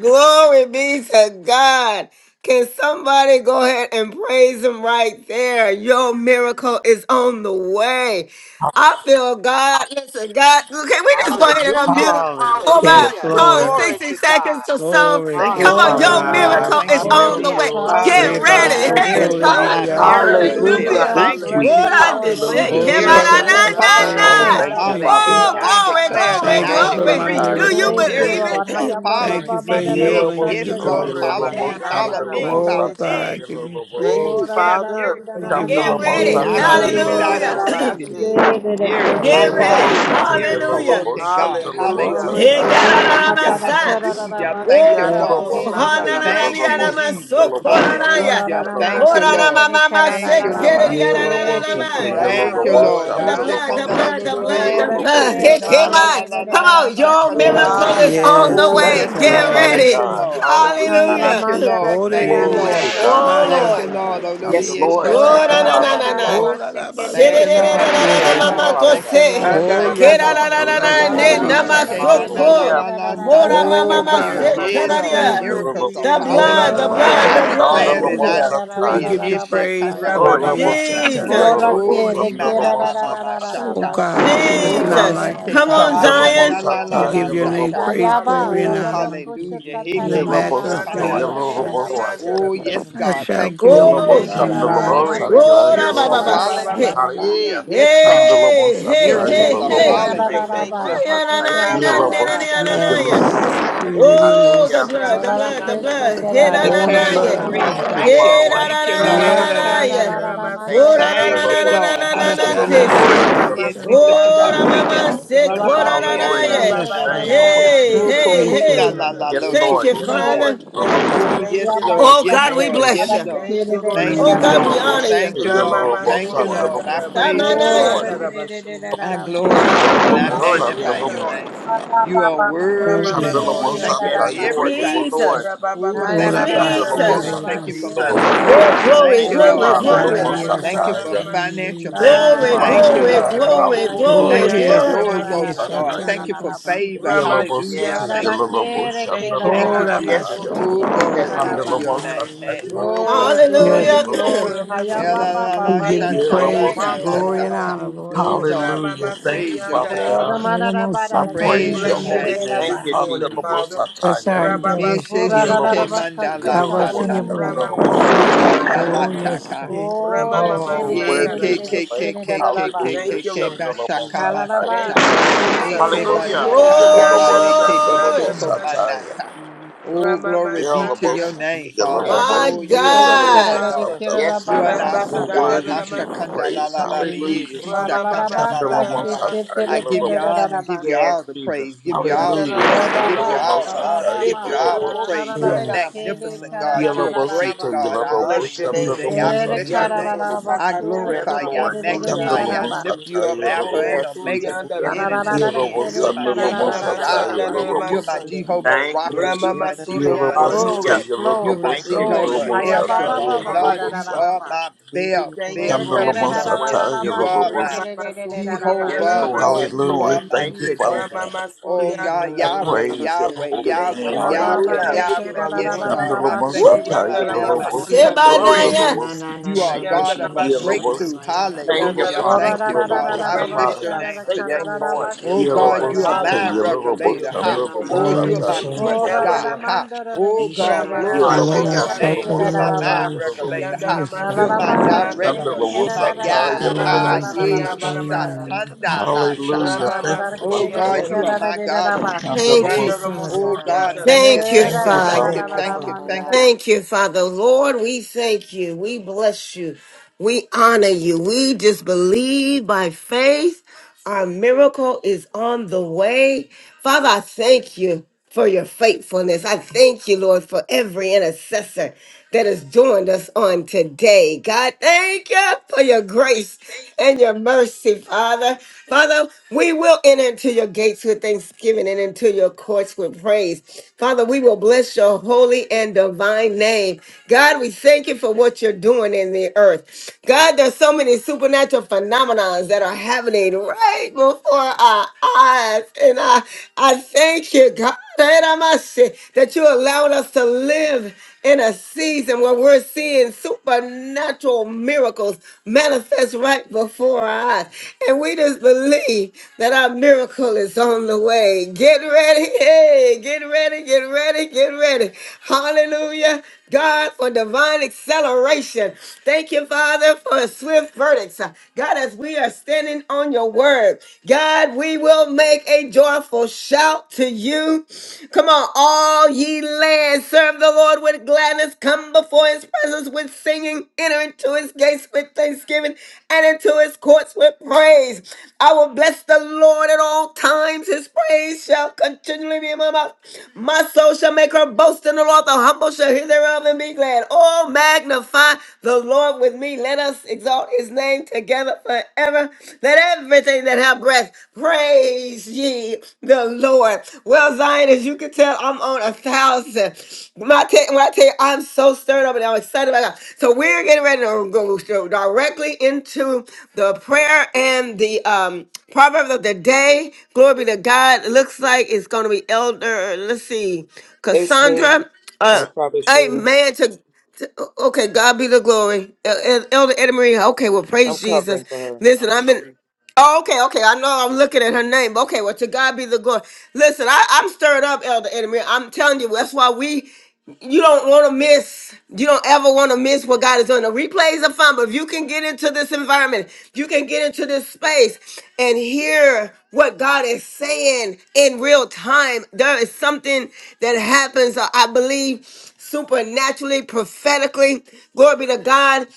Speaker 1: Glory be to God. Can somebody go ahead and praise him right there? Your miracle is on the way. I feel God. Listen, God, okay, we just go ahead and unmute
Speaker 2: Hallelujah.
Speaker 1: for
Speaker 3: Hallelujah.
Speaker 1: about
Speaker 4: Yes,
Speaker 2: Hallelujah.
Speaker 3: Thank you,
Speaker 1: 12,
Speaker 4: Lord.
Speaker 2: Glory
Speaker 3: God.
Speaker 1: 60
Speaker 2: to
Speaker 1: seconds
Speaker 2: God.
Speaker 1: or so.
Speaker 4: Glory
Speaker 2: Hall-
Speaker 3: Thank
Speaker 4: to
Speaker 3: you,
Speaker 1: Come on,
Speaker 3: Father
Speaker 5: Glory,
Speaker 1: your
Speaker 4: God.
Speaker 6: Hallelujah.
Speaker 3: God.
Speaker 5: glory,
Speaker 1: miracle
Speaker 4: Yes,
Speaker 6: Thank
Speaker 3: My
Speaker 1: is
Speaker 6: you,
Speaker 4: Lord.
Speaker 1: on
Speaker 5: glory.
Speaker 1: the
Speaker 2: Yes,
Speaker 1: way.
Speaker 6: Jesus.
Speaker 3: miracle
Speaker 2: my
Speaker 3: is
Speaker 1: Get
Speaker 2: miracle is
Speaker 4: Reba
Speaker 3: on
Speaker 6: My
Speaker 1: ready.
Speaker 7: Hallelujah.
Speaker 5: Hallelujah.
Speaker 3: the
Speaker 2: on the
Speaker 1: Hey,
Speaker 3: way.
Speaker 4: sokore
Speaker 1: God.
Speaker 6: miracle, my
Speaker 2: way.
Speaker 4: diya
Speaker 3: Hallelujah.
Speaker 6: miracle
Speaker 4: so
Speaker 6: is
Speaker 2: Hallelujah.
Speaker 6: here.
Speaker 7: Hallelujah.
Speaker 1: Hallelujah.
Speaker 5: Hallelujah.
Speaker 4: namasa.
Speaker 6: Thank
Speaker 3: This
Speaker 6: you,
Speaker 5: Bless
Speaker 3: week.
Speaker 1: Lord,
Speaker 5: the
Speaker 6: Jesus.
Speaker 1: I
Speaker 7: Hallelujah.
Speaker 5: Lord,
Speaker 1: just
Speaker 5: oh
Speaker 2: Thank
Speaker 5: my
Speaker 1: shake
Speaker 2: you,
Speaker 3: Hallelujah.
Speaker 1: him
Speaker 3: Uh,
Speaker 4: Koya
Speaker 5: soul.
Speaker 1: out.
Speaker 6: Miracles
Speaker 2: Jesus.
Speaker 6: are
Speaker 5: Hiya
Speaker 1: Nah,
Speaker 4: reba
Speaker 5: ba ba
Speaker 1: nah,
Speaker 4: se,
Speaker 7: Rama
Speaker 5: ba
Speaker 6: following
Speaker 3: Oh,
Speaker 5: da
Speaker 1: nah.
Speaker 4: God.
Speaker 5: da
Speaker 6: me.
Speaker 5: da
Speaker 3: thank you,
Speaker 5: da da
Speaker 4: Thank
Speaker 3: Father
Speaker 5: ke
Speaker 4: you.
Speaker 6: Hallelujah.
Speaker 3: God.
Speaker 5: da
Speaker 6: I
Speaker 7: Sandarabashi.
Speaker 5: da da
Speaker 1: Oh,
Speaker 5: da da
Speaker 6: declared
Speaker 5: ba.
Speaker 6: and
Speaker 1: glory, glory,
Speaker 4: Thank
Speaker 6: I
Speaker 4: you
Speaker 7: Thank
Speaker 4: for
Speaker 7: you.
Speaker 1: glory.
Speaker 4: my
Speaker 6: decree.
Speaker 7: Thank
Speaker 3: Shamdalabosata,
Speaker 7: you.
Speaker 1: Do
Speaker 8: Glory
Speaker 1: you
Speaker 4: miracle,
Speaker 7: Thank
Speaker 5: Thank
Speaker 7: you.
Speaker 5: you,
Speaker 1: believe
Speaker 4: Lord.
Speaker 5: Lord.
Speaker 6: Miracles
Speaker 1: it?
Speaker 6: are
Speaker 3: yalabosite.
Speaker 5: Hiya ba
Speaker 8: to
Speaker 5: ba
Speaker 4: Thank
Speaker 6: following
Speaker 4: you
Speaker 5: ba
Speaker 4: for
Speaker 5: ba
Speaker 6: me.
Speaker 5: da da da
Speaker 6: Hey,
Speaker 4: healing
Speaker 5: ka
Speaker 4: and
Speaker 8: you,
Speaker 5: sa
Speaker 6: yes,
Speaker 3: Yalabosite,
Speaker 7: Oh
Speaker 5: ke
Speaker 6: Lord.
Speaker 8: Father.
Speaker 5: te
Speaker 4: deliverance,
Speaker 5: re
Speaker 6: Follow
Speaker 1: Get
Speaker 5: da
Speaker 3: yalalabo-
Speaker 4: Lord.
Speaker 5: da
Speaker 8: You
Speaker 6: me,
Speaker 5: da
Speaker 8: did it,
Speaker 1: ready.
Speaker 5: ba.
Speaker 6: follow
Speaker 8: did it,
Speaker 6: me,
Speaker 8: did it,
Speaker 4: Oh,
Speaker 8: did
Speaker 6: follow
Speaker 8: it.
Speaker 4: God,
Speaker 3: shamdalabosata,
Speaker 7: Rabashandarabaseke.
Speaker 4: I
Speaker 6: me.
Speaker 4: give you
Speaker 7: Thank
Speaker 5: Ko
Speaker 7: you,
Speaker 6: Woo,
Speaker 3: yalalabosite.
Speaker 5: da da
Speaker 6: yeah,
Speaker 4: praise.
Speaker 5: da man
Speaker 7: Father.
Speaker 8: Oh,
Speaker 5: da
Speaker 6: miracles
Speaker 4: We
Speaker 8: A
Speaker 5: da
Speaker 6: are
Speaker 5: da
Speaker 4: give
Speaker 8: miracle
Speaker 4: you
Speaker 5: ke
Speaker 1: Get
Speaker 6: following me.
Speaker 5: se
Speaker 4: glory
Speaker 1: ready.
Speaker 4: and
Speaker 5: de
Speaker 6: I
Speaker 3: Shamdalabosata,
Speaker 8: on
Speaker 5: de
Speaker 8: the way.
Speaker 5: de
Speaker 6: believe
Speaker 4: honor.
Speaker 5: de
Speaker 6: it, I
Speaker 5: da da
Speaker 1: Hallelujah.
Speaker 5: da ba.
Speaker 6: receive
Speaker 3: yalalabosite.
Speaker 6: it.
Speaker 7: ramasandarabashi.
Speaker 8: Yeah,
Speaker 5: Se de de
Speaker 8: yeah,
Speaker 5: ke
Speaker 6: Miracle,
Speaker 5: se
Speaker 6: my
Speaker 1: Get
Speaker 5: de
Speaker 4: Lord,
Speaker 5: da da
Speaker 6: God
Speaker 1: ready.
Speaker 5: ba.
Speaker 6: is a
Speaker 4: Jesus,
Speaker 3: Yalabosite,
Speaker 8: yeah.
Speaker 6: miracle
Speaker 4: Lord,
Speaker 1: Hallelujah.
Speaker 4: you
Speaker 3: yalalabo-
Speaker 6: working
Speaker 4: should
Speaker 6: God.
Speaker 4: continue.
Speaker 7: Hallelujah.
Speaker 5: Glory,
Speaker 1: Hey,
Speaker 8: Hallelujah.
Speaker 6: Hallelujah,
Speaker 1: God, ah,
Speaker 5: glory.
Speaker 1: ah, ah,
Speaker 5: Ka
Speaker 1: my
Speaker 3: shamdalabosata,
Speaker 5: ta
Speaker 6: hallelujah,
Speaker 4: Jesus,
Speaker 5: da
Speaker 1: son.
Speaker 4: help
Speaker 5: ta da
Speaker 4: to
Speaker 5: da da
Speaker 4: pray,
Speaker 6: hallelujah.
Speaker 5: ba.
Speaker 8: Wait.
Speaker 6: Thank
Speaker 5: Sa
Speaker 6: you,
Speaker 5: ta da
Speaker 8: Did it,
Speaker 7: Yandobo
Speaker 4: Lord.
Speaker 6: Father.
Speaker 8: did
Speaker 1: Oh,
Speaker 5: ke
Speaker 8: it,
Speaker 5: de
Speaker 8: did
Speaker 1: ha,
Speaker 5: da
Speaker 3: Ulobosite
Speaker 8: it.
Speaker 1: na, na, na,
Speaker 5: ba.
Speaker 1: di,
Speaker 6: Thank
Speaker 1: ah,
Speaker 6: you,
Speaker 1: na,
Speaker 3: yelobos
Speaker 7: Shandarabase.
Speaker 1: ma, so,
Speaker 6: Jesus.
Speaker 1: ko, ra, na,
Speaker 3: andalobosata
Speaker 1: ya.
Speaker 5: Ora
Speaker 6: Hallelujah.
Speaker 1: Ko,
Speaker 6: Thank you,
Speaker 3: yelobos
Speaker 1: ra,
Speaker 5: Orararabase,
Speaker 1: na,
Speaker 7: Ramasandarabashi.
Speaker 1: ma,
Speaker 6: Lord.
Speaker 1: ma, ma, she,
Speaker 6: Thank you,
Speaker 7: Thank
Speaker 1: ke,
Speaker 7: you,
Speaker 1: re, di,
Speaker 6: Lord.
Speaker 7: thank
Speaker 1: ah, na,
Speaker 7: you,
Speaker 1: na, na,
Speaker 5: terekerarararabase,
Speaker 7: thank
Speaker 1: na,
Speaker 7: you
Speaker 1: ma.
Speaker 3: yelobosite
Speaker 7: for my
Speaker 8: Oh,
Speaker 6: Thank you,
Speaker 7: miracle,
Speaker 5: dekerararaba.
Speaker 3: yelobos
Speaker 7: Lord
Speaker 6: Lord.
Speaker 1: Oh, the
Speaker 7: God.
Speaker 6: Hoshe
Speaker 1: blood, the
Speaker 6: kandala
Speaker 1: blood,
Speaker 6: lo
Speaker 3: andalobosata
Speaker 1: the
Speaker 6: lo lo
Speaker 1: blood,
Speaker 7: Thank
Speaker 1: the
Speaker 5: Ora
Speaker 7: you,
Speaker 6: yesi se
Speaker 1: blood.
Speaker 7: thank
Speaker 8: oh,
Speaker 7: you,
Speaker 1: Hey,
Speaker 3: yelobosite
Speaker 5: tere
Speaker 6: kandala
Speaker 1: Come
Speaker 8: oh,
Speaker 6: la
Speaker 7: Father.
Speaker 6: la
Speaker 1: on,
Speaker 8: oh.
Speaker 6: la la
Speaker 1: Come
Speaker 6: la
Speaker 1: on, your
Speaker 5: kererererarabaso,
Speaker 6: shakanana.
Speaker 1: miracle is
Speaker 3: yelobosite.
Speaker 1: on
Speaker 8: Mm,
Speaker 4: Yes,
Speaker 1: the
Speaker 6: Oh,
Speaker 4: it's
Speaker 3: Thank
Speaker 4: about
Speaker 6: yes,
Speaker 1: way.
Speaker 7: Hallelujah.
Speaker 4: a
Speaker 3: you,
Speaker 8: mm,
Speaker 1: Get
Speaker 6: Lord.
Speaker 5: terekararararabasaya.
Speaker 8: mm.
Speaker 3: Father
Speaker 6: Thank
Speaker 1: ready.
Speaker 6: you,
Speaker 7: Thank
Speaker 3: God.
Speaker 4: Sabayosoma.
Speaker 7: you,
Speaker 6: Lord.
Speaker 8: Yeah,
Speaker 7: Father.
Speaker 3: Hallelujah.
Speaker 1: Hallelujah.
Speaker 6: Thank you,
Speaker 5: Kalalamandara
Speaker 6: Lord. Thank you,
Speaker 7: Thank
Speaker 3: Glory
Speaker 7: you,
Speaker 4: Oreria
Speaker 6: Lord.
Speaker 3: to
Speaker 7: Lord
Speaker 8: uh,
Speaker 7: God.
Speaker 3: God.
Speaker 1: Oh,
Speaker 6: Thank
Speaker 4: Samaya
Speaker 6: you,
Speaker 1: Lord.
Speaker 6: Lord.
Speaker 3: Hallelujah.
Speaker 6: Oh,
Speaker 5: keararararararabasaya.
Speaker 6: Lord,
Speaker 7: Thank
Speaker 9: Yes,
Speaker 7: you,
Speaker 6: yes,
Speaker 9: Lord.
Speaker 7: Lord
Speaker 4: Hayatibos.
Speaker 9: Thank
Speaker 1: Oh,
Speaker 9: you,
Speaker 1: na
Speaker 3: Shandalobosata
Speaker 7: Jesus.
Speaker 6: shashakan.
Speaker 1: na na
Speaker 6: Thank
Speaker 9: Father.
Speaker 1: na
Speaker 6: you,
Speaker 1: na.
Speaker 4: Oh,
Speaker 3: yelobos
Speaker 6: Lord.
Speaker 5: Orarararararabase,
Speaker 8: uh, uh,
Speaker 6: Thank you,
Speaker 4: Larabasa
Speaker 7: Thank you,
Speaker 4: Samaya.
Speaker 6: Lord. Thank
Speaker 4: Yes,
Speaker 7: Jesus.
Speaker 6: you,
Speaker 9: Thank you,
Speaker 4: God.
Speaker 5: keterekerararararaba.
Speaker 6: Lord.
Speaker 9: Father
Speaker 6: Thank you,
Speaker 9: God.
Speaker 3: ulobosite
Speaker 1: Shirererererereramamatose.
Speaker 6: Lord.
Speaker 4: Oh,
Speaker 6: Thank you,
Speaker 4: yes,
Speaker 8: uh, uh.
Speaker 3: yelobos
Speaker 6: Lord.
Speaker 7: Sandarabaseto
Speaker 4: Lord.
Speaker 9: Glory to your
Speaker 1: Kerararararane
Speaker 9: name,
Speaker 6: Oh,
Speaker 9: Lord
Speaker 7: Ramamashanda
Speaker 4: Vasheria
Speaker 3: shandalobosata
Speaker 6: she
Speaker 9: God.
Speaker 5: Kalalamandara
Speaker 6: came out la
Speaker 3: yelobos
Speaker 4: Sataraba.
Speaker 6: la
Speaker 1: namasoko.
Speaker 9: Hallelujah.
Speaker 6: la la
Speaker 8: Oh,
Speaker 1: Mora
Speaker 6: sata.
Speaker 4: Oh,
Speaker 6: Your
Speaker 9: Thank
Speaker 1: mamama
Speaker 9: you,
Speaker 5: kererekerarararararaba.
Speaker 6: mir-
Speaker 4: God.
Speaker 9: Jesus.
Speaker 6: yeah,
Speaker 4: We
Speaker 6: Lord,
Speaker 3: yelobosite yelobos yelobos bosata. yellow bos yellow bosita
Speaker 1: sekararia.
Speaker 4: thank
Speaker 8: mm,
Speaker 4: you.
Speaker 3: yellow bosita
Speaker 6: miracles are
Speaker 1: The
Speaker 8: yeah, yeah.
Speaker 4: Oh,
Speaker 9: Thank
Speaker 6: following
Speaker 7: Ramasandaramase
Speaker 9: you,
Speaker 1: blood,
Speaker 6: me.
Speaker 1: the
Speaker 9: Lord
Speaker 3: yellow
Speaker 1: blood,
Speaker 9: God.
Speaker 6: I
Speaker 1: the
Speaker 3: bos
Speaker 1: blood.
Speaker 6: declared
Speaker 3: andala
Speaker 4: Larabashekata.
Speaker 6: and I
Speaker 9: Hallelujah.
Speaker 4: We
Speaker 6: decree it.
Speaker 3: bosata.
Speaker 4: give you
Speaker 6: Here
Speaker 8: Mm,
Speaker 6: she
Speaker 4: praise,
Speaker 6: kanda
Speaker 5: Orararakerekerararararabasaya.
Speaker 6: la
Speaker 4: Lord.
Speaker 9: Glory,
Speaker 6: la
Speaker 3: Yellow
Speaker 4: Eh,
Speaker 7: Rababa
Speaker 3: bossy
Speaker 6: sata.
Speaker 8: mm,
Speaker 9: glory,
Speaker 1: Jesus,
Speaker 5: Bora
Speaker 3: yellow
Speaker 9: glory,
Speaker 4: Shatararia
Speaker 8: mm,
Speaker 7: Sandaramase.
Speaker 5: ke
Speaker 6: Oh,
Speaker 3: boss,
Speaker 9: glory.
Speaker 5: de
Speaker 6: me
Speaker 3: some the
Speaker 5: ke
Speaker 6: ma
Speaker 4: Satara.
Speaker 9: Thank
Speaker 5: ra
Speaker 6: ma
Speaker 9: you,
Speaker 5: ra
Speaker 6: ma
Speaker 3: boss
Speaker 5: ra
Speaker 8: mm.
Speaker 6: ma
Speaker 3: up,
Speaker 5: ra
Speaker 9: Jesus.
Speaker 6: ma
Speaker 5: ra ra ra
Speaker 4: Oh,
Speaker 5: ba
Speaker 6: shata.
Speaker 5: se
Speaker 8: Yeah,
Speaker 4: God.
Speaker 5: ke
Speaker 9: Thank
Speaker 6: Oh,
Speaker 9: you,
Speaker 4: There's
Speaker 5: ke
Speaker 8: yeah.
Speaker 6: lo
Speaker 4: none
Speaker 9: Father.
Speaker 5: ra
Speaker 1: Jesus.
Speaker 6: she
Speaker 4: like
Speaker 5: ra
Speaker 4: you,
Speaker 5: ra
Speaker 6: ke
Speaker 1: Come
Speaker 5: ra
Speaker 1: on,
Speaker 5: ba.
Speaker 6: bata
Speaker 4: Father.
Speaker 3: yellow
Speaker 1: Zion.
Speaker 6: kanda
Speaker 3: boss up,
Speaker 6: la
Speaker 7: Hallelujah.
Speaker 4: I
Speaker 6: la
Speaker 9: Yes,
Speaker 6: la
Speaker 4: give your
Speaker 9: Jesus.
Speaker 3: yellow
Speaker 4: name
Speaker 6: sata.
Speaker 4: praise,
Speaker 3: bossy
Speaker 5: Kaya ba
Speaker 4: glory, and
Speaker 5: ba
Speaker 6: Oh,
Speaker 5: ba
Speaker 7: Hallelujah.
Speaker 5: ba
Speaker 4: honor.
Speaker 8: Did
Speaker 5: kusha
Speaker 8: it, did
Speaker 6: hallelujah.
Speaker 8: it, oh,
Speaker 6: He
Speaker 5: kata
Speaker 4: In the
Speaker 8: oh,
Speaker 5: ra
Speaker 6: ke
Speaker 5: ra
Speaker 3: Yellow
Speaker 8: oh,
Speaker 5: ra
Speaker 8: oh.
Speaker 5: ra
Speaker 6: busho
Speaker 9: Yes,
Speaker 5: ra
Speaker 3: bossy
Speaker 4: matchless
Speaker 3: take
Speaker 6: kanda
Speaker 4: name
Speaker 9: Lord.
Speaker 5: bando
Speaker 4: of
Speaker 5: de de
Speaker 3: yellow
Speaker 6: lata.
Speaker 9: Yes,
Speaker 5: ra ra
Speaker 3: bossy
Speaker 5: ba.
Speaker 4: Jesus.
Speaker 9: Lord.
Speaker 6: Oh,
Speaker 8: Yeah,
Speaker 7: Andarabashuriandarabas.
Speaker 9: Thank
Speaker 6: yes,
Speaker 8: la,
Speaker 9: you,
Speaker 4: I
Speaker 8: la, la,
Speaker 6: God.
Speaker 9: Jesus.
Speaker 8: la,
Speaker 4: shall
Speaker 6: Thank you,
Speaker 8: yeah.
Speaker 3: Yellow
Speaker 4: glory
Speaker 1: Whoa.
Speaker 6: Jesus.
Speaker 3: boss,
Speaker 7: Thank
Speaker 5: Ra
Speaker 6: Uh,
Speaker 4: in
Speaker 7: you,
Speaker 3: some
Speaker 5: ra
Speaker 4: the
Speaker 3: the
Speaker 5: ra ra
Speaker 4: mighty
Speaker 7: Father.
Speaker 6: Thank
Speaker 3: boss
Speaker 6: you
Speaker 9: Glory.
Speaker 4: name
Speaker 6: for
Speaker 5: bando
Speaker 4: of
Speaker 5: de
Speaker 6: your
Speaker 5: ke
Speaker 1: Rora
Speaker 5: de ra
Speaker 3: yellow
Speaker 6: miracle
Speaker 5: ra
Speaker 4: Jesus.
Speaker 1: bababa.
Speaker 5: ra ra
Speaker 3: bossy
Speaker 6: following
Speaker 5: ra
Speaker 3: take.
Speaker 5: ra
Speaker 6: me.
Speaker 1: Hey,
Speaker 5: ra ba.
Speaker 9: Hallelujah.
Speaker 6: Hey, yes,
Speaker 3: Some
Speaker 6: God
Speaker 3: the
Speaker 7: Rabababasuriandaramashi.
Speaker 1: hey,
Speaker 3: boss
Speaker 1: hey,
Speaker 5: Bere
Speaker 1: hey.
Speaker 6: miracles
Speaker 7: Thank
Speaker 6: are
Speaker 8: Praise the
Speaker 3: yellow
Speaker 7: you,
Speaker 5: ke
Speaker 1: hey.
Speaker 5: ra
Speaker 3: bossy
Speaker 5: ra
Speaker 6: following
Speaker 7: thank you,
Speaker 5: ra
Speaker 9: Thank
Speaker 6: me.
Speaker 3: take.
Speaker 9: you,
Speaker 5: ba.
Speaker 7: thank
Speaker 8: Lord.
Speaker 7: you.
Speaker 1: Ay,
Speaker 5: Ha
Speaker 9: Jesus.
Speaker 5: ke
Speaker 9: Thank
Speaker 1: ananay,
Speaker 5: ra
Speaker 9: you,
Speaker 5: ra ra
Speaker 3: Yellow
Speaker 9: God.
Speaker 5: ba.
Speaker 3: bossy
Speaker 1: nandenanay,
Speaker 3: take yellow
Speaker 1: ananaya.
Speaker 4: Yes.
Speaker 7: Ramasandarabase.
Speaker 3: boss up,
Speaker 4: Really,
Speaker 1: Oh, the
Speaker 9: Hallelujah.
Speaker 4: yes.
Speaker 1: blood,
Speaker 3: yellow
Speaker 8: holy,
Speaker 1: the
Speaker 5: Bora ra
Speaker 1: blood,
Speaker 8: holy,
Speaker 1: the
Speaker 3: bossy
Speaker 5: ke
Speaker 7: Uramashanda
Speaker 5: se
Speaker 8: holy.
Speaker 1: blood.
Speaker 5: ke ra
Speaker 1: Hey,
Speaker 6: I
Speaker 5: ra
Speaker 1: da,
Speaker 5: ra
Speaker 1: na,
Speaker 4: All
Speaker 5: ra
Speaker 4: the
Speaker 1: na,
Speaker 6: declare and
Speaker 5: ba.
Speaker 7: Ramasikoryanda
Speaker 1: yeah.
Speaker 4: blood, oh
Speaker 7: Ramas.
Speaker 6: decree.
Speaker 3: Thank you,
Speaker 4: God.
Speaker 6: Thank
Speaker 9: Yes,
Speaker 6: you.
Speaker 1: Hey,
Speaker 9: Lord.
Speaker 1: da,
Speaker 3: Father.
Speaker 6: Thank
Speaker 1: da,
Speaker 6: you,
Speaker 1: da,
Speaker 3: Some
Speaker 1: da,
Speaker 3: the
Speaker 6: Lord.
Speaker 1: da,
Speaker 5: Bara
Speaker 4: Yeah,
Speaker 1: da,
Speaker 7: Ramama
Speaker 4: that
Speaker 5: ka
Speaker 4: I
Speaker 1: da,
Speaker 3: bossy,
Speaker 5: ra
Speaker 4: do.
Speaker 7: Sanda
Speaker 4: I
Speaker 1: yeah.
Speaker 5: ra ra
Speaker 4: don't
Speaker 5: ra
Speaker 4: know.
Speaker 5: manda
Speaker 9: Thank
Speaker 1: Oh,
Speaker 9: you,
Speaker 5: ra
Speaker 7: Ramasanda
Speaker 1: da,
Speaker 5: ra
Speaker 1: da,
Speaker 5: de
Speaker 6: Thank
Speaker 1: da,
Speaker 5: de
Speaker 9: Jesus.
Speaker 3: yellow
Speaker 6: you,
Speaker 5: ke
Speaker 1: da,
Speaker 3: bossy
Speaker 1: da,
Speaker 7: Rabashuri.
Speaker 5: ra
Speaker 6: Lord.
Speaker 1: da,
Speaker 5: ra
Speaker 9: Ooh,
Speaker 1: da,
Speaker 4: I
Speaker 5: ra ra
Speaker 1: da,
Speaker 9: Jesus.
Speaker 1: da,
Speaker 4: shall
Speaker 5: ba.
Speaker 3: yellow
Speaker 4: not.
Speaker 1: this,
Speaker 3: boss,
Speaker 1: yeah.
Speaker 4: Yes,
Speaker 3: some
Speaker 9: Glory,
Speaker 4: that's-
Speaker 3: the
Speaker 7: Ramama
Speaker 3: boss
Speaker 4: that's- that's-
Speaker 1: Oh,
Speaker 7: Soryanda
Speaker 3: up,
Speaker 1: da, ma,
Speaker 4: that's-
Speaker 1: ma,
Speaker 7: Ramas.
Speaker 5: Ra
Speaker 1: sick.
Speaker 5: ra
Speaker 1: Oh,
Speaker 5: ba
Speaker 9: glory,
Speaker 1: da,
Speaker 5: de
Speaker 1: da,
Speaker 5: de
Speaker 1: da,
Speaker 9: glory.
Speaker 5: ke
Speaker 3: Hallelujah.
Speaker 5: de
Speaker 1: yeah.
Speaker 5: de de
Speaker 4: yes,
Speaker 6: Hashakandaloriyasisapandaloriyasipandonoriyasipanana.
Speaker 5: de
Speaker 7: Rambaba
Speaker 5: ra
Speaker 9: Thank
Speaker 5: ra
Speaker 4: Lord.
Speaker 9: you,
Speaker 5: ba.
Speaker 1: Hey,
Speaker 7: Soryanda
Speaker 9: Jesus.
Speaker 1: hey,
Speaker 4: Thank you,
Speaker 1: hey.
Speaker 7: Ramasoryanda
Speaker 4: Lord.
Speaker 7: Ramas.
Speaker 9: Yes,
Speaker 3: Yellow
Speaker 1: Thank
Speaker 8: Hallelujah,
Speaker 9: Lord.
Speaker 1: you,
Speaker 9: Yes,
Speaker 3: boss,
Speaker 6: Rukokundalalalashukunene.
Speaker 9: Lord.
Speaker 5: Glory,
Speaker 1: Father.
Speaker 3: yellow
Speaker 7: Thank
Speaker 5: glory.
Speaker 7: you,
Speaker 6: Oh,
Speaker 3: boss,
Speaker 7: thank
Speaker 5: Haya
Speaker 6: yes,
Speaker 7: you,
Speaker 5: ba
Speaker 3: yellow
Speaker 5: ba
Speaker 6: Lord.
Speaker 7: thank
Speaker 3: boss,
Speaker 1: Oh,
Speaker 5: ba
Speaker 7: you.
Speaker 6: Yes,
Speaker 1: God,
Speaker 5: ba
Speaker 9: Thank
Speaker 1: we
Speaker 5: ra
Speaker 6: Lord.
Speaker 5: ra ra
Speaker 6: Yes,
Speaker 1: bless
Speaker 5: ra re
Speaker 1: you.
Speaker 9: Jesus.
Speaker 8: my
Speaker 6: Lord.
Speaker 5: ke
Speaker 7: Thank
Speaker 5: re
Speaker 7: you,
Speaker 5: re
Speaker 8: God,
Speaker 7: Lord
Speaker 5: ke
Speaker 6: Thank
Speaker 9: Bless
Speaker 5: ra
Speaker 6: you,
Speaker 1: Oh,
Speaker 9: you.
Speaker 5: ra
Speaker 7: Jesus.
Speaker 1: God,
Speaker 5: ra
Speaker 3: yellow
Speaker 1: we
Speaker 4: Mm.
Speaker 5: ra
Speaker 6: Jesus.
Speaker 5: ba.
Speaker 1: honor
Speaker 3: boss,
Speaker 6: Thank
Speaker 1: you.
Speaker 6: you,
Speaker 8: thank
Speaker 6: Lord.
Speaker 3: yellow
Speaker 8: you,
Speaker 7: Ramama
Speaker 9: Yes,
Speaker 3: boss,
Speaker 8: my
Speaker 6: Thank you,
Speaker 9: Lord.
Speaker 3: yellow
Speaker 8: God.
Speaker 7: Soryanda
Speaker 6: Lord. I
Speaker 3: boss,
Speaker 7: Rabas.
Speaker 6: praise
Speaker 9: Yes,
Speaker 6: you,
Speaker 5: Oh,
Speaker 6: Lord.
Speaker 9: Lord.
Speaker 1: Samanaya.
Speaker 5: re
Speaker 7: Soryanda
Speaker 5: re
Speaker 8: Thank
Speaker 5: re re
Speaker 7: Rabash.
Speaker 8: you,
Speaker 5: re ra
Speaker 8: Lord.
Speaker 5: ra
Speaker 6: I
Speaker 5: ra ba.
Speaker 8: thank
Speaker 5: Haya
Speaker 6: glorify you
Speaker 3: yellow
Speaker 6: and I
Speaker 7: Ramama
Speaker 3: boss,
Speaker 9: Glory to your
Speaker 6: magnify
Speaker 3: yellow
Speaker 9: name,
Speaker 7: Soryanda
Speaker 6: your
Speaker 3: boss,
Speaker 9: Lord.
Speaker 6: name.
Speaker 7: Rabas.
Speaker 5: ba
Speaker 8: you,
Speaker 5: ba ba
Speaker 6: You are
Speaker 5: ba ba re re
Speaker 4: Oh,
Speaker 5: ke
Speaker 7: Ramama
Speaker 6: worthy,
Speaker 5: re
Speaker 3: Chandela
Speaker 5: re
Speaker 6: Lord.
Speaker 5: re
Speaker 8: thank
Speaker 5: re
Speaker 4: yes.
Speaker 3: Mosa,
Speaker 6: Thank
Speaker 5: ra
Speaker 6: you
Speaker 7: Soryanda
Speaker 9: Yes,
Speaker 5: ra
Speaker 6: for
Speaker 8: you,
Speaker 5: ba.
Speaker 7: Rabas.
Speaker 8: Jesus.
Speaker 3: yellow
Speaker 9: Lord. Yes,
Speaker 6: everything.
Speaker 3: boss,
Speaker 9: Lord.
Speaker 1: Jesus,
Speaker 6: Oh,
Speaker 8: Oh,
Speaker 7: Rababa
Speaker 5: Haya
Speaker 8: oh,
Speaker 4: Lord,
Speaker 6: thank
Speaker 5: ra
Speaker 4: I
Speaker 6: you
Speaker 5: ra
Speaker 6: for
Speaker 5: ra
Speaker 6: my
Speaker 4: bless
Speaker 5: ra
Speaker 3: Chandela
Speaker 7: Soryanda
Speaker 5: ra
Speaker 4: you,
Speaker 5: ra
Speaker 4: Lord,
Speaker 8: oh,
Speaker 6: healing.
Speaker 5: ra
Speaker 1: Jesus.
Speaker 9: Thank
Speaker 3: Mosa,
Speaker 7: Ramas.
Speaker 4: I
Speaker 5: ba
Speaker 9: you,
Speaker 6: Thank you
Speaker 8: oh,
Speaker 6: for
Speaker 5: ke
Speaker 4: bless
Speaker 6: my
Speaker 3: yellow
Speaker 9: Jesus.
Speaker 4: you.
Speaker 5: re re
Speaker 3: boss,
Speaker 5: re
Speaker 1: Oh,
Speaker 5: re
Speaker 6: deliverance.
Speaker 5: re re
Speaker 1: glory,
Speaker 5: re
Speaker 6: Thank you,
Speaker 9: Thank you,
Speaker 5: re re re
Speaker 1: glory,
Speaker 6: Lord
Speaker 9: Father.
Speaker 6: God.
Speaker 3: Chandela
Speaker 7: Ramasanda
Speaker 5: re
Speaker 4: Father,
Speaker 1: glory.
Speaker 5: ra ra
Speaker 3: Mosa,
Speaker 5: ra
Speaker 4: yes.
Speaker 6: Thank
Speaker 8: oh,
Speaker 5: ba.
Speaker 6: you
Speaker 7: Ramasanda
Speaker 6: for
Speaker 3: yeah.
Speaker 4: Tell
Speaker 8: yeah.
Speaker 4: me, my
Speaker 6: financial
Speaker 4: name
Speaker 7: Ramashete.
Speaker 5: Ba
Speaker 4: is
Speaker 9: Thank
Speaker 3: Thank
Speaker 9: you,
Speaker 3: you,
Speaker 6: miracles.
Speaker 1: Glory,
Speaker 4: Jesus.
Speaker 5: ra
Speaker 9: Father.
Speaker 5: ra
Speaker 6: Thank
Speaker 3: Father
Speaker 5: ra
Speaker 6: you,
Speaker 5: ra
Speaker 1: glory,
Speaker 5: ra
Speaker 3: God.
Speaker 6: Lord
Speaker 5: ra ba
Speaker 6: God.
Speaker 1: glory,
Speaker 5: ka
Speaker 7: Robobo
Speaker 5: she
Speaker 1: glory,
Speaker 4: Oh,
Speaker 3: Hallelujah.
Speaker 6: Thank
Speaker 5: ke
Speaker 6: you for
Speaker 7: Sorianda
Speaker 4: yes.
Speaker 5: ra
Speaker 1: glory.
Speaker 5: ra
Speaker 4: Tell
Speaker 3: Chandela
Speaker 6: doors
Speaker 5: ra ra
Speaker 4: me,
Speaker 6: open,
Speaker 3: Mosa,
Speaker 5: ra
Speaker 7: Ramasanda
Speaker 4: shall
Speaker 5: ra ra
Speaker 7: Rama.
Speaker 6: God.
Speaker 8: Oh,
Speaker 4: tell
Speaker 5: ra
Speaker 3: yeah.
Speaker 5: ra
Speaker 4: me,
Speaker 6: Thank you
Speaker 5: ra
Speaker 6: for
Speaker 8: na,
Speaker 5: ba.
Speaker 8: na,
Speaker 4: bless you.
Speaker 6: favor.
Speaker 8: na,
Speaker 3: Yellow
Speaker 10: Jesus.
Speaker 5: Ba
Speaker 3: boss,
Speaker 6: Hallelujah.
Speaker 9: Yes,
Speaker 5: ra
Speaker 7: Ramasianda
Speaker 6: Thank
Speaker 5: ra
Speaker 7: Rama.
Speaker 9: Jesus.
Speaker 6: you,
Speaker 3: yellow
Speaker 5: ke
Speaker 6: Jesus.
Speaker 10: Thank
Speaker 5: re
Speaker 3: boss,
Speaker 10: you,
Speaker 5: ke
Speaker 10: Lord
Speaker 7: Thank
Speaker 5: ra
Speaker 7: you
Speaker 3: Chandela
Speaker 5: ra
Speaker 7: that
Speaker 6: Thank
Speaker 5: ra
Speaker 4: Oh,
Speaker 10: Jesus.
Speaker 6: you,
Speaker 7: our
Speaker 10: Thank
Speaker 5: ra
Speaker 4: that
Speaker 3: Mosa,
Speaker 5: ba
Speaker 9: Yes,
Speaker 4: bless
Speaker 3: yeah.
Speaker 10: you
Speaker 6: Jesus.
Speaker 7: miracle
Speaker 5: she
Speaker 10: for
Speaker 9: Lord.
Speaker 4: you.
Speaker 7: is
Speaker 10: your
Speaker 5: ke
Speaker 6: Oh,
Speaker 5: re
Speaker 7: on
Speaker 5: ke
Speaker 6: glory
Speaker 9: Yes,
Speaker 5: ra
Speaker 10: precious,
Speaker 7: the
Speaker 6: be
Speaker 5: ra
Speaker 9: Lord.
Speaker 6: to
Speaker 5: ba.
Speaker 7: way,
Speaker 3: Chandela
Speaker 6: your
Speaker 8: glory,
Speaker 10: precious.
Speaker 3: Mosa,
Speaker 7: Father.
Speaker 6: name.
Speaker 8: hallelujah.
Speaker 6: Hey,
Speaker 3: yellow
Speaker 6: oh,
Speaker 10: Thank
Speaker 7: Orianda
Speaker 5: Glory,
Speaker 3: boss,
Speaker 6: glory.
Speaker 10: you for
Speaker 5: glory,
Speaker 4: Yes,
Speaker 1: Hallelujah.
Speaker 8: Oh,
Speaker 10: loving
Speaker 3: yellow
Speaker 10: us,
Speaker 7: Ramasianda
Speaker 5: glory.
Speaker 10: Lord
Speaker 3: boss.
Speaker 5: Haya
Speaker 6: Yeah,
Speaker 7: Ramase.
Speaker 5: ba
Speaker 6: la,
Speaker 10: Jesus.
Speaker 5: ba
Speaker 6: la,
Speaker 5: ba
Speaker 4: we
Speaker 6: la,
Speaker 5: ba
Speaker 4: give
Speaker 8: hallelujah.
Speaker 5: de
Speaker 7: Thank you
Speaker 4: you
Speaker 5: de
Speaker 10: Thank
Speaker 7: for
Speaker 6: shata,
Speaker 5: ke
Speaker 10: you,
Speaker 7: your
Speaker 4: praise,
Speaker 5: de
Speaker 6: manda,
Speaker 10: Heavenly
Speaker 5: de
Speaker 6: la,
Speaker 5: de
Speaker 3: Yeroboshite.
Speaker 7: promises,
Speaker 5: da
Speaker 4: glory,
Speaker 7: oh
Speaker 4: and
Speaker 10: Father,
Speaker 5: ba.
Speaker 10: for
Speaker 7: God.
Speaker 6: sata.
Speaker 4: honor,
Speaker 8: Thank
Speaker 10: all
Speaker 8: you, Lord. Thank you,
Speaker 4: Lord.
Speaker 6: Oh,
Speaker 8: Lord.
Speaker 4: Yes, I
Speaker 6: God.
Speaker 10: that you
Speaker 4: give
Speaker 3: Hallelujah.
Speaker 7: Ramama
Speaker 10: do.
Speaker 4: us-
Speaker 3: Thank you,
Speaker 6: Praise your
Speaker 8: Thank
Speaker 7: Sorianda
Speaker 3: Father
Speaker 8: you,
Speaker 6: name.
Speaker 10: Glory
Speaker 5: Ora
Speaker 10: to
Speaker 3: God.
Speaker 8: Lord.
Speaker 5: ma
Speaker 10: your
Speaker 7: Rabashe.
Speaker 5: da
Speaker 10: name,
Speaker 4: Elamos
Speaker 5: ba da
Speaker 3: I
Speaker 5: da
Speaker 10: Lord
Speaker 8: Hallelujah.
Speaker 7: We
Speaker 5: ke
Speaker 4: Sakari,
Speaker 3: praise
Speaker 6: Praise
Speaker 5: de
Speaker 3: your
Speaker 6: your
Speaker 10: Jesus.
Speaker 5: ke
Speaker 7: bless your
Speaker 5: de
Speaker 3: holy
Speaker 5: de
Speaker 6: name.
Speaker 4: yes,
Speaker 5: da
Speaker 7: name
Speaker 3: name.
Speaker 8: Yeah,
Speaker 9: Thank
Speaker 5: ba.
Speaker 7: this
Speaker 9: you,
Speaker 8: yeah,
Speaker 7: morning,
Speaker 8: yeah,
Speaker 9: Jesus.
Speaker 8: yeah.
Speaker 7: Father.
Speaker 10: Good
Speaker 4: that's
Speaker 3: Handelobosataya.
Speaker 4: our
Speaker 10: morning,
Speaker 8: Glory,
Speaker 7: Rababa
Speaker 6: He,
Speaker 10: Lord.
Speaker 4: endeavors,
Speaker 6: she,
Speaker 5: Ora da
Speaker 4: Lord.
Speaker 5: da
Speaker 7: Sorianda
Speaker 5: da
Speaker 6: ke,
Speaker 5: ba ka
Speaker 7: Ramasa.
Speaker 6: manda,
Speaker 3: Yeroboshite.
Speaker 5: sha
Speaker 6: la,
Speaker 5: ta
Speaker 4: Cover
Speaker 5: da
Speaker 4: us
Speaker 5: da
Speaker 4: in
Speaker 5: da
Speaker 4: your
Speaker 6: sata.
Speaker 10: Thank
Speaker 5: ta
Speaker 8: glory,
Speaker 5: da
Speaker 4: blood.
Speaker 5: da
Speaker 10: you,
Speaker 7: Ramama
Speaker 5: da
Speaker 10: Lord
Speaker 5: da
Speaker 8: hallelujah.
Speaker 5: ba.
Speaker 6: Oh,
Speaker 10: Jesus.
Speaker 6: kanda,
Speaker 7: Sotorianda
Speaker 3: Yeroboshandelobosataya.
Speaker 6: la,
Speaker 4: Oh,
Speaker 7: Ramasa.
Speaker 4: yes,
Speaker 6: taka.
Speaker 8: Yeah,
Speaker 4: Lord. It
Speaker 5: Ora
Speaker 4: is
Speaker 7: Ramama
Speaker 5: ke
Speaker 3: Oh,
Speaker 5: de
Speaker 4: you.
Speaker 5: ke
Speaker 6: Ye
Speaker 7: Sanda
Speaker 5: de
Speaker 3: worthy
Speaker 5: de
Speaker 6: ke
Speaker 8: Yarabasanda.
Speaker 3: is
Speaker 5: de
Speaker 3: the
Speaker 5: de
Speaker 6: ke
Speaker 7: Rabashe.
Speaker 5: ke
Speaker 6: ke
Speaker 3: Lamb.
Speaker 5: de
Speaker 6: ke
Speaker 5: da da da
Speaker 6: ke
Speaker 5: ba.
Speaker 6: ke
Speaker 3: Hallelujah.
Speaker 6: ke
Speaker 8: Glory,
Speaker 7: Thank you,
Speaker 6: ke
Speaker 7: Lord
Speaker 8: glory,
Speaker 7: God.
Speaker 8: glory,
Speaker 6: bashaka
Speaker 5: Ka la
Speaker 3: Shandelobosataya.
Speaker 5: ba
Speaker 6: masata.
Speaker 7: Thank
Speaker 5: da
Speaker 7: you,
Speaker 5: ke de ke
Speaker 6: Eke
Speaker 7: Jesus.
Speaker 5: de de de
Speaker 9: Hallelujah.
Speaker 8: glory,
Speaker 5: de
Speaker 3: Yerobosite.
Speaker 5: da ba.
Speaker 6: manakata
Speaker 7: Yanda
Speaker 6: baleke
Speaker 7: Ramasanda
Speaker 1: Glory.
Speaker 6: boshoko
Speaker 4: Mm.
Speaker 7: Ramashe.
Speaker 3: Yeroboshandelobosataya.
Speaker 6: manata.
Speaker 8: hallelujah.
Speaker 6: Oh,
Speaker 7: Ramama
Speaker 6: glory be to
Speaker 7: Sanda
Speaker 6: your
Speaker 7: Ramas.
Speaker 6: name,
Speaker 3: Yerobosite.
Speaker 5: Ka la
Speaker 6: Father.
Speaker 9: Yes,
Speaker 5: ba.
Speaker 1: My
Speaker 6: Oh,
Speaker 5: De
Speaker 9: Jesus.
Speaker 3: Yerobosite.
Speaker 6: you
Speaker 5: ke
Speaker 6: are
Speaker 5: de
Speaker 7: Thank you,
Speaker 5: ke da
Speaker 6: worthy,
Speaker 1: God.
Speaker 5: da de
Speaker 6: Lord.
Speaker 7: Father.
Speaker 5: ke
Speaker 3: Yerobosataya.
Speaker 5: da da
Speaker 9: Yes,
Speaker 5: ba
Speaker 6: You are
Speaker 5: da
Speaker 6: an
Speaker 5: da
Speaker 9: Jesus.
Speaker 5: da ba
Speaker 3: You're
Speaker 6: awesome
Speaker 5: sa.
Speaker 7: Ramasanda
Speaker 6: God.
Speaker 3: worthy
Speaker 8: Hallelujah.
Speaker 3: to be
Speaker 7: Ramasa.
Speaker 6: Hashakanda
Speaker 8: Bless
Speaker 6: la
Speaker 3: praised.
Speaker 6: la
Speaker 8: the
Speaker 6: la la
Speaker 8: name, O
Speaker 6: ye
Speaker 3: Hallelujah.
Speaker 5: Ba
Speaker 8: God.
Speaker 5: da la la ba
Speaker 7: Ramama
Speaker 6: sisakanda la
Speaker 5: ka
Speaker 6: la
Speaker 7: Sanda
Speaker 6: la la.
Speaker 5: te
Speaker 8: Yarabas-
Speaker 5: te
Speaker 7: Ramasa.
Speaker 6: I
Speaker 5: de ke
Speaker 6: give you
Speaker 5: de da da
Speaker 3: Shandelobosataya.
Speaker 6: honor,
Speaker 5: da ba.
Speaker 6: give you
Speaker 9: Yes,
Speaker 6: all the
Speaker 9: Jesus.
Speaker 6: praise, give you
Speaker 8: Yarabas-
Speaker 6: all
Speaker 7: Yanda
Speaker 6: the
Speaker 3: Hallelujah.
Speaker 5: Wo
Speaker 6: glory,
Speaker 5: ba
Speaker 6: give you
Speaker 5: ba
Speaker 7: Ramasorianda
Speaker 6: all
Speaker 5: ba
Speaker 6: the
Speaker 5: ba
Speaker 3: Shandalobosata,
Speaker 6: honor,
Speaker 7: Rabas.
Speaker 5: ba
Speaker 6: give you
Speaker 5: ba
Speaker 7: Seke
Speaker 5: ba
Speaker 6: all
Speaker 5: ra
Speaker 6: the
Speaker 5: ra ra
Speaker 6: praise.
Speaker 5: ra
Speaker 3: yelobobosita.
Speaker 5: ra
Speaker 6: You are
Speaker 5: de
Speaker 7: Roboshianda
Speaker 5: de
Speaker 8: Yarabas-
Speaker 4: Yes,
Speaker 5: ke
Speaker 7: Rabas.
Speaker 5: de de
Speaker 6: magnificent,
Speaker 5: ka ra
Speaker 6: God.
Speaker 5: ra
Speaker 8: Yarabas-
Speaker 5: ra
Speaker 6: You are
Speaker 5: ra ra ra
Speaker 8: Hallelujah.
Speaker 6: great,
Speaker 3: Yelobosita,
Speaker 5: ba
Speaker 6: God.
Speaker 7: We
Speaker 6: I honor
Speaker 7: bless
Speaker 3: yelobobosita.
Speaker 6: you
Speaker 7: your
Speaker 4: Oh,
Speaker 7: name.
Speaker 6: today.
Speaker 4: shame
Speaker 6: I
Speaker 4: and
Speaker 5: de de
Speaker 4: then-
Speaker 3: Shandalobosata,
Speaker 6: bless
Speaker 5: ka
Speaker 6: your
Speaker 5: ra
Speaker 7: Yando
Speaker 6: name.
Speaker 5: ra ra ra ba
Speaker 8: Hallelujah.
Speaker 6: I
Speaker 3: yelobobosita.
Speaker 5: ku
Speaker 7: Bosatarianda
Speaker 9: Yes,
Speaker 5: she
Speaker 6: glorify you.
Speaker 5: ke
Speaker 6: I
Speaker 9: Lord.
Speaker 5: de
Speaker 8: Oh,
Speaker 5: de de
Speaker 8: la,
Speaker 5: de
Speaker 6: magnify
Speaker 7: Rabosorianda.
Speaker 5: ra
Speaker 6: you.
Speaker 5: ra
Speaker 6: I
Speaker 5: ba
Speaker 6: lift
Speaker 3: Shandalobosata,
Speaker 6: you up, Alpha
Speaker 7: Robobo
Speaker 6: and
Speaker 9: Yes,
Speaker 6: Omega,
Speaker 3: yelobobosita.
Speaker 9: Jesus.
Speaker 6: the
Speaker 5: ba
Speaker 9: Yes,
Speaker 8: la,
Speaker 5: ra
Speaker 7: Suriandarama.
Speaker 8: la,
Speaker 6: beginning
Speaker 5: ra
Speaker 8: la, la,
Speaker 5: ra
Speaker 6: and
Speaker 9: Jesus.
Speaker 5: ra de
Speaker 8: la,
Speaker 6: the
Speaker 5: ke
Speaker 6: end.
Speaker 5: de
Speaker 6: You are my
Speaker 5: ka ra ra ra
Speaker 6: Jehovah
Speaker 5: ra
Speaker 7: Yanarama
Speaker 5: ra
Speaker 3: Yelobosandalobosata,
Speaker 5: ra ra
Speaker 8: la.
Speaker 6: Jireh.
Speaker 5: ba
Speaker 7: Sandarama
Speaker 8: Glory,
Speaker 6: You are my
Speaker 3: yelobobosita.
Speaker 7: Sandar.
Speaker 8: hallelujah.
Speaker 6: Jehovah
Speaker 9: Thank you,
Speaker 6: Rapha. You
Speaker 9: Jesus.
Speaker 6: are
Speaker 7: Ramama
Speaker 6: my Jehovah
Speaker 3: Yelobosita,
Speaker 5: glory
Speaker 9: Hallelujah.
Speaker 6: Nissi.
Speaker 7: Suriandaramashi.
Speaker 6: You are
Speaker 5: glory
Speaker 6: my
Speaker 9: Thank
Speaker 7: We
Speaker 9: you,
Speaker 5: glory
Speaker 7: bless
Speaker 6: Jehovah
Speaker 7: you,
Speaker 5: ha ya
Speaker 8: Yarabas-
Speaker 6: El
Speaker 7: Lord
Speaker 5: ba
Speaker 3: yelobobosandalobosata,
Speaker 7: God.
Speaker 5: ba
Speaker 8: Yarabas-
Speaker 7: We
Speaker 5: ba
Speaker 6: Shaddai.
Speaker 5: ba
Speaker 7: honor
Speaker 5: ba
Speaker 6: Lord,
Speaker 5: ra
Speaker 7: you,
Speaker 5: ra
Speaker 6: you
Speaker 5: ra ra
Speaker 7: Father.
Speaker 6: are
Speaker 5: ba
Speaker 3: yelobobosita.
Speaker 6: my
Speaker 7: We
Speaker 6: Baal,
Speaker 7: thank
Speaker 5: de
Speaker 6: Baal
Speaker 5: de
Speaker 7: you,
Speaker 8: Yarabas-
Speaker 9: Jesus.
Speaker 5: ke
Speaker 7: Lord
Speaker 5: ra
Speaker 7: Jesus.
Speaker 5: ra
Speaker 9: Your
Speaker 5: ra
Speaker 6: Pepperchon.
Speaker 5: ra
Speaker 3: Shandalobosata,
Speaker 9: way.
Speaker 5: ra
Speaker 6: Yes,
Speaker 5: ra
Speaker 8: Yarabas-
Speaker 5: ba
Speaker 6: you
Speaker 5: she
Speaker 6: are
Speaker 8: Yarabas-
Speaker 6: my
Speaker 5: ke
Speaker 7: Ramama
Speaker 3: yelobobosita.
Speaker 5: de de de de ra ra ba
Speaker 9: Yes,
Speaker 6: Jehovah,
Speaker 9: Lord.
Speaker 7: Suriandarama
Speaker 8: Glory,
Speaker 9: Yes,
Speaker 6: Lord.
Speaker 7: Sandar.
Speaker 6: You
Speaker 3: Hallelujah.
Speaker 9: Lord.
Speaker 6: are my
Speaker 3: Thank
Speaker 9: Thank
Speaker 8: hallelujah,
Speaker 3: you,
Speaker 9: you,
Speaker 3: Father
Speaker 9: Jesus.
Speaker 6: Jehovah.
Speaker 3: God.
Speaker 7: Ramama
Speaker 6: Oh God,
Speaker 7: Suriandarama.
Speaker 3: I
Speaker 8: Lord.
Speaker 9: Thank you,
Speaker 6: Yahweh,
Speaker 8: Honor,
Speaker 3: praise
Speaker 9: Jesus.
Speaker 3: your
Speaker 6: Yahweh,
Speaker 3: holy
Speaker 7: Thank
Speaker 5: ba
Speaker 6: Yahweh,
Speaker 7: you,
Speaker 3: name.
Speaker 5: ba
Speaker 8: glory
Speaker 5: ba
Speaker 8: to
Speaker 7: thank
Speaker 5: ba
Speaker 7: you,
Speaker 6: Yahweh,
Speaker 9: Hallelujah.
Speaker 5: de
Speaker 7: thank
Speaker 5: ke
Speaker 7: you,
Speaker 6: Yahweh.
Speaker 7: my
Speaker 5: ra
Speaker 8: your
Speaker 5: ra
Speaker 6: Yes,
Speaker 5: ra
Speaker 7: Lord.
Speaker 5: ra
Speaker 8: name.
Speaker 3: Chandra
Speaker 6: God,
Speaker 5: ra
Speaker 6: I
Speaker 5: ba
Speaker 1: Woo.
Speaker 6: thank
Speaker 5: she
Speaker 6: you
Speaker 5: de
Speaker 6: for
Speaker 5: de
Speaker 3: Masata,
Speaker 6: my
Speaker 5: ke ra
Speaker 6: being
Speaker 5: ra
Speaker 3: Yellow
Speaker 7: Yandarama
Speaker 8: Lord,
Speaker 6: my
Speaker 5: ba
Speaker 8: honor, honor,
Speaker 3: Mosita,
Speaker 6: Jehovah
Speaker 7: Suriandarama.
Speaker 3: Yellow
Speaker 9: Glory.
Speaker 6: Nissi.
Speaker 1: Shebanaya.
Speaker 3: Mosita,
Speaker 6: You are
Speaker 8: shit.
Speaker 9: Thank you,
Speaker 6: God of a
Speaker 9: Jesus.
Speaker 7: Yandarama
Speaker 8: Glory,
Speaker 3: Yellow
Speaker 11: Glory
Speaker 7: Shitri.
Speaker 8: hallelujah.
Speaker 3: Mosita,
Speaker 6: breakthrough.
Speaker 11: to your holy
Speaker 9: Thank you,
Speaker 3: Yellow
Speaker 11: name.
Speaker 6: Hallelujah.
Speaker 7: Yandarama
Speaker 9: Father.
Speaker 5: Bora
Speaker 3: Mosita,
Speaker 11: Thank
Speaker 6: Thank
Speaker 5: da
Speaker 11: you,
Speaker 6: you,
Speaker 5: da
Speaker 3: Yellow
Speaker 5: da da
Speaker 6: Father.
Speaker 9: Thank
Speaker 11: Jesus.
Speaker 5: da
Speaker 6: I
Speaker 9: you,
Speaker 5: da
Speaker 7: Great
Speaker 5: ba
Speaker 3: Mosata,
Speaker 7: is
Speaker 9: Father.
Speaker 6: bless your
Speaker 5: sha
Speaker 7: thy
Speaker 5: da da
Speaker 6: name
Speaker 5: ka da
Speaker 9: Yes,
Speaker 12: Ishara
Speaker 6: today.
Speaker 5: da
Speaker 7: faithfulness,
Speaker 5: da
Speaker 7: O God.
Speaker 9: Lord.
Speaker 5: ba shi
Speaker 6: Oh
Speaker 9: Yes,
Speaker 5: ke
Speaker 3: Yellow
Speaker 9: Lord.
Speaker 6: God,
Speaker 5: da
Speaker 6: you
Speaker 5: da
Speaker 6: are
Speaker 5: da da
Speaker 3: Mosita,
Speaker 6: my
Speaker 5: ba.
Speaker 7: Hallelujah
Speaker 3: Yellow
Speaker 7: for your
Speaker 6: regulator.
Speaker 3: Mosata,
Speaker 9: Yes,
Speaker 6: Ha.
Speaker 3: Yellow
Speaker 7: faithful
Speaker 6: Oh,
Speaker 4: oh,
Speaker 7: love
Speaker 9: Jesus.
Speaker 6: you are
Speaker 7: and
Speaker 3: Mosata,
Speaker 4: yes,
Speaker 6: my
Speaker 7: do it
Speaker 4: Lord.
Speaker 6: peace,
Speaker 5: Bora da
Speaker 7: forever,
Speaker 5: da
Speaker 6: God.
Speaker 7: Lord God.
Speaker 6: Ha.
Speaker 5: man da da da da
Speaker 6: Oh
Speaker 5: ke da
Speaker 6: God,
Speaker 5: da
Speaker 7: Rama
Speaker 5: da
Speaker 6: glory
Speaker 5: ba
Speaker 3: Yellow Mosita, Yellow
Speaker 4: Well,
Speaker 6: to
Speaker 9: Hallelujah.
Speaker 4: I'm
Speaker 5: da
Speaker 4: not
Speaker 6: your
Speaker 5: da
Speaker 3: Mosata,
Speaker 7: Sandarabas
Speaker 5: da
Speaker 3: Yellow
Speaker 6: name.
Speaker 5: ke
Speaker 6: You
Speaker 5: da
Speaker 4: Sakari,
Speaker 6: are
Speaker 5: da
Speaker 4: I
Speaker 6: my
Speaker 5: da
Speaker 4: don't
Speaker 5: ba.
Speaker 3: Mosata,
Speaker 6: mind
Speaker 4: know,
Speaker 3: Yellow
Speaker 6: regulator.
Speaker 4: Shana.
Speaker 3: Mosita,
Speaker 6: Ha.
Speaker 4: Yes,
Speaker 5: Da
Speaker 12: I
Speaker 5: da
Speaker 6: You
Speaker 9: Yes,
Speaker 6: are
Speaker 5: da
Speaker 4: God.
Speaker 6: my
Speaker 5: ba
Speaker 9: Jesus.
Speaker 5: da ke
Speaker 3: Chandra
Speaker 5: da
Speaker 6: director.
Speaker 5: ke
Speaker 6: You
Speaker 7: Yandaramasotoriandarabash.
Speaker 6: are
Speaker 5: da
Speaker 6: my
Speaker 5: da da da da
Speaker 3: Mosata,
Speaker 6: guide.
Speaker 4: We
Speaker 9: Thank
Speaker 5: da da
Speaker 4: are
Speaker 3: Yellow
Speaker 9: you,
Speaker 6: Ha.
Speaker 5: da da
Speaker 7: Rama
Speaker 4: in
Speaker 5: da da
Speaker 9: Jesus.
Speaker 5: da
Speaker 6: Yeah.
Speaker 5: da
Speaker 4: praise,
Speaker 3: Mosita.
Speaker 5: ba
Speaker 4: glory,
Speaker 5: sha
Speaker 4: and
Speaker 6: Misa
Speaker 5: ya.
Speaker 7: Siandaramaste.
Speaker 4: honor.
Speaker 6: tanda
Speaker 12: Thank
Speaker 6: la
Speaker 12: you,
Speaker 6: sa.
Speaker 5: Ba
Speaker 12: Jesus.
Speaker 3: Hallelujah.
Speaker 6: Ha.
Speaker 5: ka
Speaker 7: Rama
Speaker 12: Ha
Speaker 5: da
Speaker 12: da
Speaker 3: Thank
Speaker 5: da
Speaker 12: da
Speaker 5: da
Speaker 3: you,
Speaker 12: bo
Speaker 5: ke
Speaker 6: Oh
Speaker 3: Father
Speaker 12: shi ya
Speaker 5: da
Speaker 3: God.
Speaker 12: da
Speaker 6: God,
Speaker 12: da
Speaker 9: Yes,
Speaker 5: ke
Speaker 12: da.
Speaker 6: you are
Speaker 9: Jesus.
Speaker 5: da
Speaker 7: Masoriandaramas.
Speaker 5: da
Speaker 6: my
Speaker 5: da da
Speaker 6: God
Speaker 5: da
Speaker 12: Ya
Speaker 6: of
Speaker 5: ba.
Speaker 12: na na na
Speaker 3: Chandra
Speaker 6: peace.
Speaker 12: na
Speaker 1: Thank
Speaker 12: na
Speaker 1: you,
Speaker 6: Hey.
Speaker 3: Mosita.
Speaker 12: na na da
Speaker 1: Father.
Speaker 12: da
Speaker 6: Oh
Speaker 12: da da.
Speaker 6: God,
Speaker 11: Glory.
Speaker 12: Thank you,
Speaker 5: Da
Speaker 6: thank
Speaker 7: Yandaramosoriandarabash.
Speaker 6: you,
Speaker 1: Thank
Speaker 12: Father.
Speaker 1: you,
Speaker 6: thank
Speaker 5: da
Speaker 12: Oh
Speaker 3: Thank
Speaker 6: you,
Speaker 5: da
Speaker 3: you,
Speaker 12: da da
Speaker 5: da
Speaker 6: thank
Speaker 5: da
Speaker 3: Father.
Speaker 12: bo
Speaker 1: Father.
Speaker 6: you,
Speaker 5: da
Speaker 7: Thank
Speaker 5: da
Speaker 12: ya
Speaker 7: you,
Speaker 6: thank
Speaker 12: da
Speaker 5: da
Speaker 12: da
Speaker 6: you,
Speaker 12: ba
Speaker 5: man
Speaker 7: Father.
Speaker 5: da
Speaker 6: thank
Speaker 12: ya
Speaker 5: da
Speaker 6: you.
Speaker 12: da.
Speaker 1: Thank you, Father. Lord, we thank you. We bless you. We honor you. We just believe by faith our miracle is on the way. Father, I thank you for your faithfulness. I thank you, Lord, for every intercessor that has joined us on today. God, thank you for your grace and your mercy, Father. Father, we will enter into your gates with thanksgiving thanksgiving and into your courts with praise. Father, we will bless your holy and divine name. God, we thank you for what you're doing in the earth. God, there's so many supernatural phenomenons that are happening right before our eyes. And I, I thank you, God, that I'm a- that you're allowing us to live in a season where we're seeing supernatural miracles manifest right before our eyes. And we just believe that our miracle is on the way. Get ready. Hey, get ready, get ready, get ready. Hallelujah. God, for divine acceleration. Thank you, Father, for swift verdicts. God, as we are standing on your word, God, we will make a joyful shout to you. Come on, all ye lands, serve the Lord with gladness. Come before his presence with singing. Enter into his gates with thanksgiving and into his courts with praise. I will bless the Lord at all times. His praise shall continually be in my mouth. My soul shall make her boast in the Lord. The humble shall hear thereof and be glad. Oh, magnify the Lord with me. Let us exalt his name together forever. Let everything that have breath praise ye the Lord. Well, Zion, as you can tell, I'm on a thousand tell when I tell you I'm so stirred up and I'm excited about God. So we're getting ready to go straight- directly into the prayer and the um proverb of the day. Glory be to God. It looks like it's gonna be Elder, let's see,
Speaker 7: It's me,
Speaker 1: Cassandra.
Speaker 7: uh,
Speaker 1: Uh
Speaker 7: Prophet Sheila.
Speaker 1: Amen. To, to- okay, God be the glory. El- El- Elder Edna Marie. Okay, well,
Speaker 7: I'm
Speaker 1: praise
Speaker 7: covering
Speaker 1: Jesus.
Speaker 7: for her.
Speaker 1: Listen, I've been. Oh, okay, okay. I know I'm looking at her name. but Okay, well, to God be the glory. Listen, I, I'm stirred up, Elder Edna Marie. I'm telling you, that's why we you don't want to miss you don't ever want to miss what god is doing the replays are fun but if you can get into this environment if you can get into this space and hear what god is saying in real time there is something that happens uh, i believe supernaturally prophetically glory be to god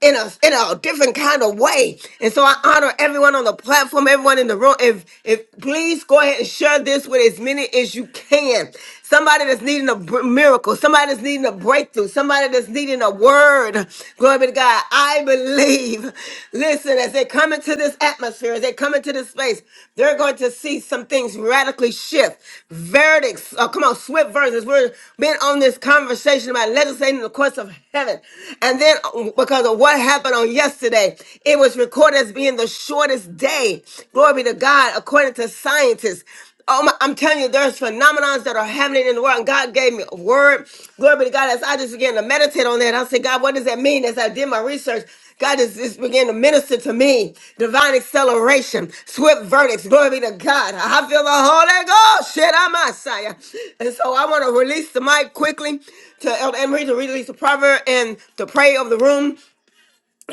Speaker 1: in a in a different kind of way. And so I honor everyone on the platform, everyone in the room. If if please go ahead and share this with as many as you can. Somebody that's needing a br- miracle, somebody that's needing a breakthrough, somebody that's needing a word. Glory be to God. I believe. Listen, as they come into this atmosphere, as they come into this space, they're going to see some things radically shift. Verdicts, oh, come on, swift verses. We've been on this conversation about legislating the courts of heaven. And then uh, because because of what happened on yesterday. It was recorded as being the shortest day. Glory be to God, according to scientists. Oh my, I'm telling you, there's phenomenons that are happening in the world. And God gave me a word. Glory be to God. As I just began to meditate on that, I said, God, what does that mean? As I did my research, God is just began to minister to me. Divine acceleration, swift verdicts. Glory be to God. I feel the Holy Ghost. Shit, I'm Messiah. And so I want to release the mic quickly to Elder Emery to release the proverb and the pray of the room.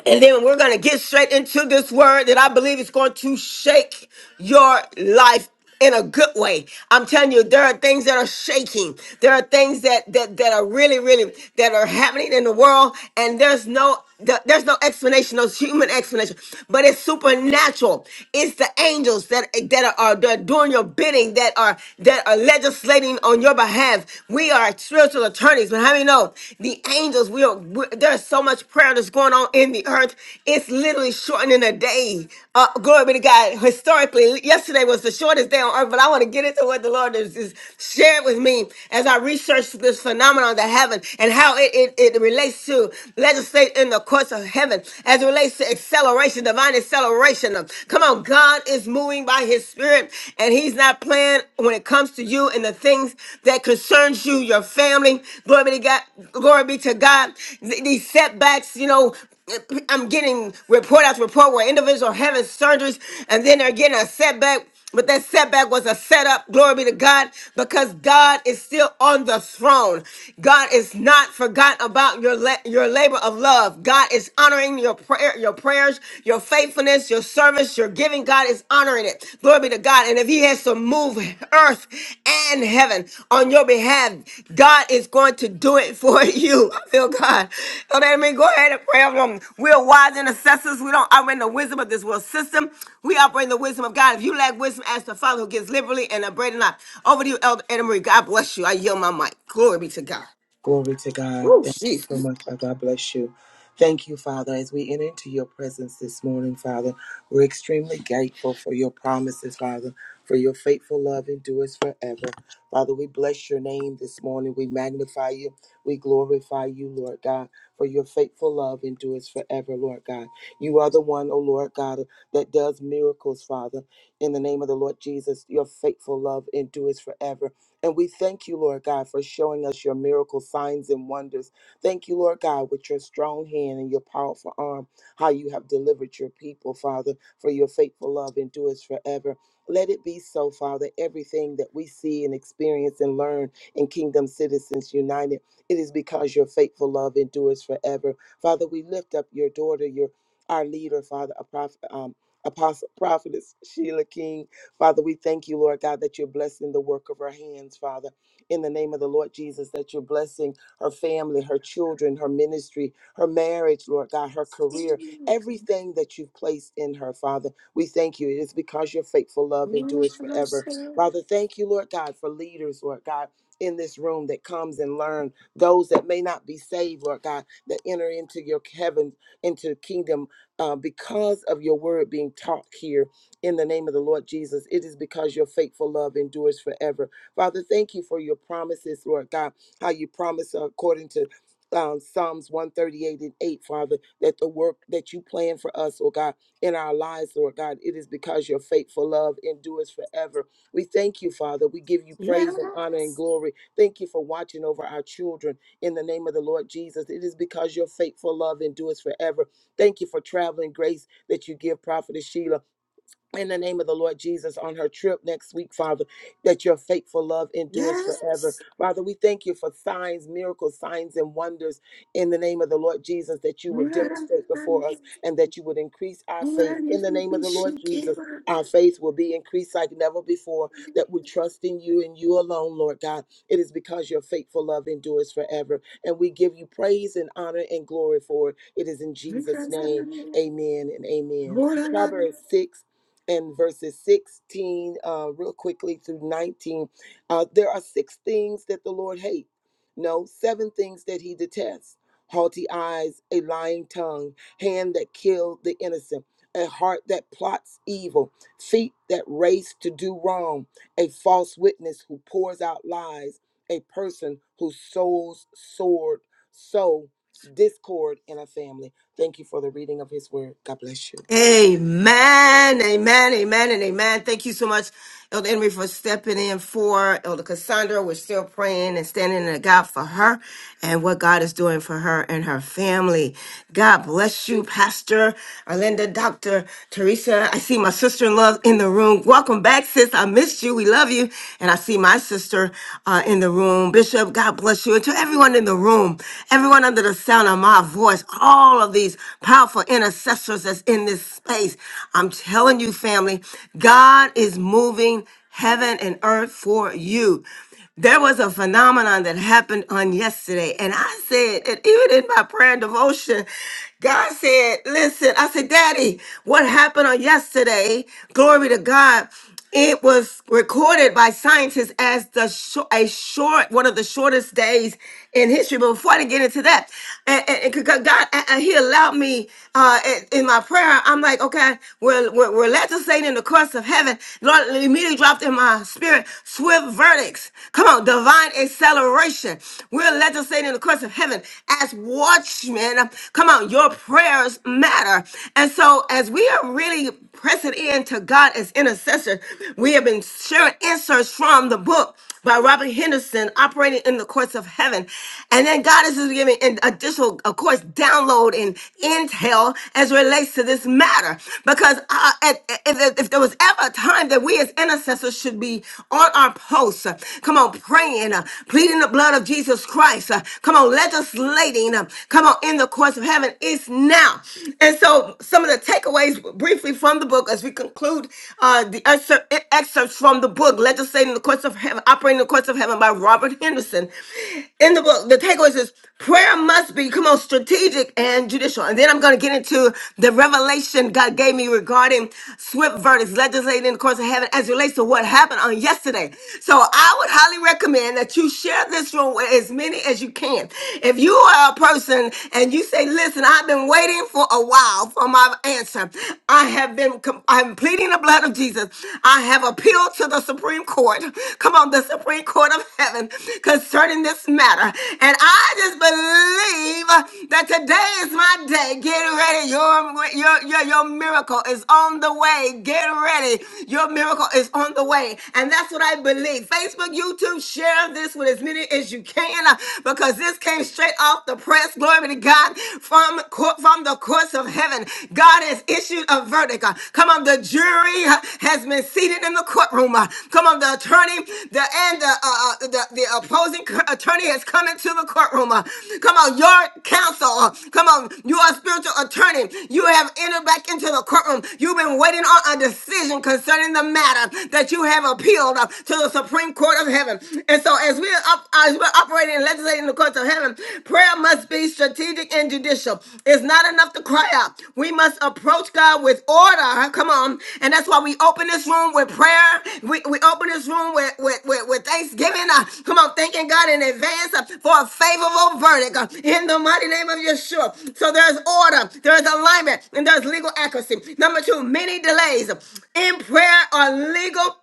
Speaker 1: And then we're going to get straight into this word that I believe is going to shake your life in a good way. I'm telling you, there are things that are shaking. There are things that that, that are really, really that are happening in the world, and there's no there- there's no explanation, no human explanation, but it's supernatural. It's the angels that that are, that are doing your bidding, that are that are legislating on your behalf. We are spiritual spiritual attorneys, but how many know the angels? We are we- there's so much prayer that's going on in the earth. It's literally shortening a day. Uh, glory be to God. Historically, yesterday was the shortest day on earth, but I want to get into what the Lord is, is shared with me as I researched this phenomenon that heaven and how it, it, it relates to legislate in the courts of heaven as it relates to acceleration, divine acceleration. Come on, God is moving by his spirit and he's not playing when it comes to you and the things that concerns you, your family. Glory be to God. Glory be to God. Th- These setbacks, you know, I'm getting report after report where individuals are having surgeries and then they're getting a setback. But that setback was a setup, glory be to God, because God is still on the throne. God is not forgotten about your, la- your labor of love. God is honoring your prayers your prayers, your faithfulness, your service, your giving. God is honoring it. Glory be to God. And if He has to move earth and heaven on your behalf, God is going to do it for you. I feel God. You know what I mean? Go ahead and pray over them. We're wise intercessors. We don't operate in the wisdom of this world system. We operate in the wisdom of God. If you lack wisdom, ask the Father who gives liberally and abrading not. Over to you, Elder Anna Marie. God bless you. I yield my mic. Glory be to God.
Speaker 7: Glory to God.
Speaker 1: Oh
Speaker 7: Thank
Speaker 1: Jesus.
Speaker 7: you so much. Father. God bless you. Thank you, Father. As we enter into your presence this morning, Father, we're extremely grateful for your promises, Father, for your faithful love endures forever. Father, we bless your name this morning. We magnify you. We glorify you, Lord God, for your faithful love endures forever, Lord God. You are the one, oh Lord God, that does miracles, Father. In the name of the Lord Jesus, your faithful love endures forever. And we thank you, Lord God, for showing us your miracle signs and wonders. Thank you, Lord God, with your strong hand and your powerful arm, how you have delivered your people, Father, for your faithful love endures forever. Let it be so, Father. Everything that we see and experience and learn in Kingdom Citizens United, it is because your faithful love endures forever. Father, we lift up your daughter, your our leader, Father, a prophet, um, apostle, prophetess Sheila King. Father, we thank you, Lord God, that you're blessing the work of her hands, Father. In the name of the Lord Jesus, that you're blessing her family, her children, her ministry, her marriage, Lord God, her career, everything that you've placed in her, Father. We thank you. It is because your faithful love endures forever. Father, thank you, Lord God, for leaders, Lord God. In this room that comes and learn those that may not be saved, Lord God, that enter into your heaven, into kingdom uh, because of your word being taught here in the name of the Lord Jesus. It is because your faithful love endures forever. Father, thank you for your promises, Lord God, how you promise according to um, Psalms 138 and 8, Father, that the work that you plan for us, oh God, in our lives, Lord God, it is because your faithful love endures forever. We thank you, Father. We give you praise and honor and glory. Thank you for watching over our children in the name of the Lord Jesus. It is because your faithful love endures forever. Thank you for traveling grace that you give Prophetess Sheila in the name of the Lord Jesus on her trip next week, Father, that your faithful love endures forever. Father, we thank you for signs, miracles, signs, and wonders in the name of the Lord Jesus that you would demonstrate before us and that you would increase our faith. In the name of the Lord Jesus, our faith will be increased like never before, that we trust in you and you alone, Lord God. It is because your faithful love endures forever. And we give you praise and honor and glory for it. It is in Jesus' name. Amen and amen. Proverbs 6 and verses 16, uh, real quickly through 19. Uh, there are six things that the Lord hates. No, seven things that he detests haughty eyes, a lying tongue, hand that kill the innocent, a heart that plots evil, feet that race to do wrong, a false witness who pours out lies, a person who sows sword, sow discord in a family. Thank you for the reading of his word. God bless you.
Speaker 1: Amen, amen, amen, and amen. Thank you so much, Elder Henry, for stepping in for Elder Cassandra. We're still praying and standing in the gap for her and what God is doing for her and her family. God bless you, Pastor Arlinda, Dr. Teresa. I see my sister-in-law in the room. Welcome back, sis. I missed you. We love you. And I see my sister uh, in the room. Bishop, God bless you. And to everyone in the room, everyone under the sound of my voice voice, all of these powerful intercessors that's in this space. I'm telling you, family, God is moving heaven and earth for you. There was a phenomenon that happened on yesterday, and I said, and even in my prayer and devotion, God said, Listen, I said, Daddy, what happened on yesterday? Glory to God. It was recorded by scientists as the shor- a short, one of the shortest days in history. But before I get into that, and, and, and 'cause God, and- and He allowed me uh, in, in my prayer. I'm like, okay, we're, we're we're legislating the courts of heaven. Lord, it immediately dropped in my spirit swift verdicts. Come on, divine acceleration. We're legislating the courts of heaven as watchmen. Come on, your prayers matter. And so, as we are really pressing in to God as intercessors, we have been sharing inserts from the book by Robert Henderson, operating in the courts of heaven. And then God is just giving an additional, of course, download and intel as relates to this matter. Because uh, at- if, if there was ever a time that we as intercessors should be on our posts, uh, come on, praying, uh, pleading the blood of Jesus Christ, uh, come on, legislating, uh, come on, in the courts of heaven, it's now. And so some of the takeaways briefly from the book as we conclude uh, uh, the excerpt, excerpts from the book Legislating the Courts of Heaven, Operating the Courts of Heaven by Robert Henderson. In the book, the takeaway is prayer must be, come on, strategic and judicial. And then I'm going to get into the revelation God gave me regarding swift verdicts, legislating the courts of heaven as it relates to what happened on yesterday. So I would highly recommend that you share this room with as many as you can. If you are a person and you say, listen, I've been waiting for a while for on my answer. I have been, com- I'm pleading the blood of Jesus. I have appealed to the Supreme Court. Come on, the Supreme Court of heaven concerning this matter. And I just believe that today is my day. Get ready. Your, your, your, your miracle is on the way. Get ready. Your miracle is on the way. And that's what I believe. Facebook, YouTube, share this with as many as you can uh, because this came straight off the press press, glory be to God, from, co- from the courts of heaven. God has issued a verdict. Uh, Come on, the jury uh, has been seated in the courtroom. Uh, Come on, the attorney the, and the, uh, uh, the, the opposing c- attorney has come into the courtroom. Uh, Come on, your counsel. uh, Come on, you are a spiritual attorney. You have entered back into the courtroom. You've been waiting on a decision concerning the matter that you have appealed uh, to the Supreme Court of Heaven. And so, as we we are, up, as we're operating and legislating in the courts of heaven, prayer must be strategic and judicial. It's not enough to cry out. We must approach God with order. Come on. And that's why we open this room with prayer. We, we open this room with, with, with, with thanksgiving. Uh, come on, thanking God in advance uh, for a favorable verdict uh, in the mighty name of Yeshua. So there's order, there's alignment, and there's legal accuracy. Number two, many delays in prayer are legal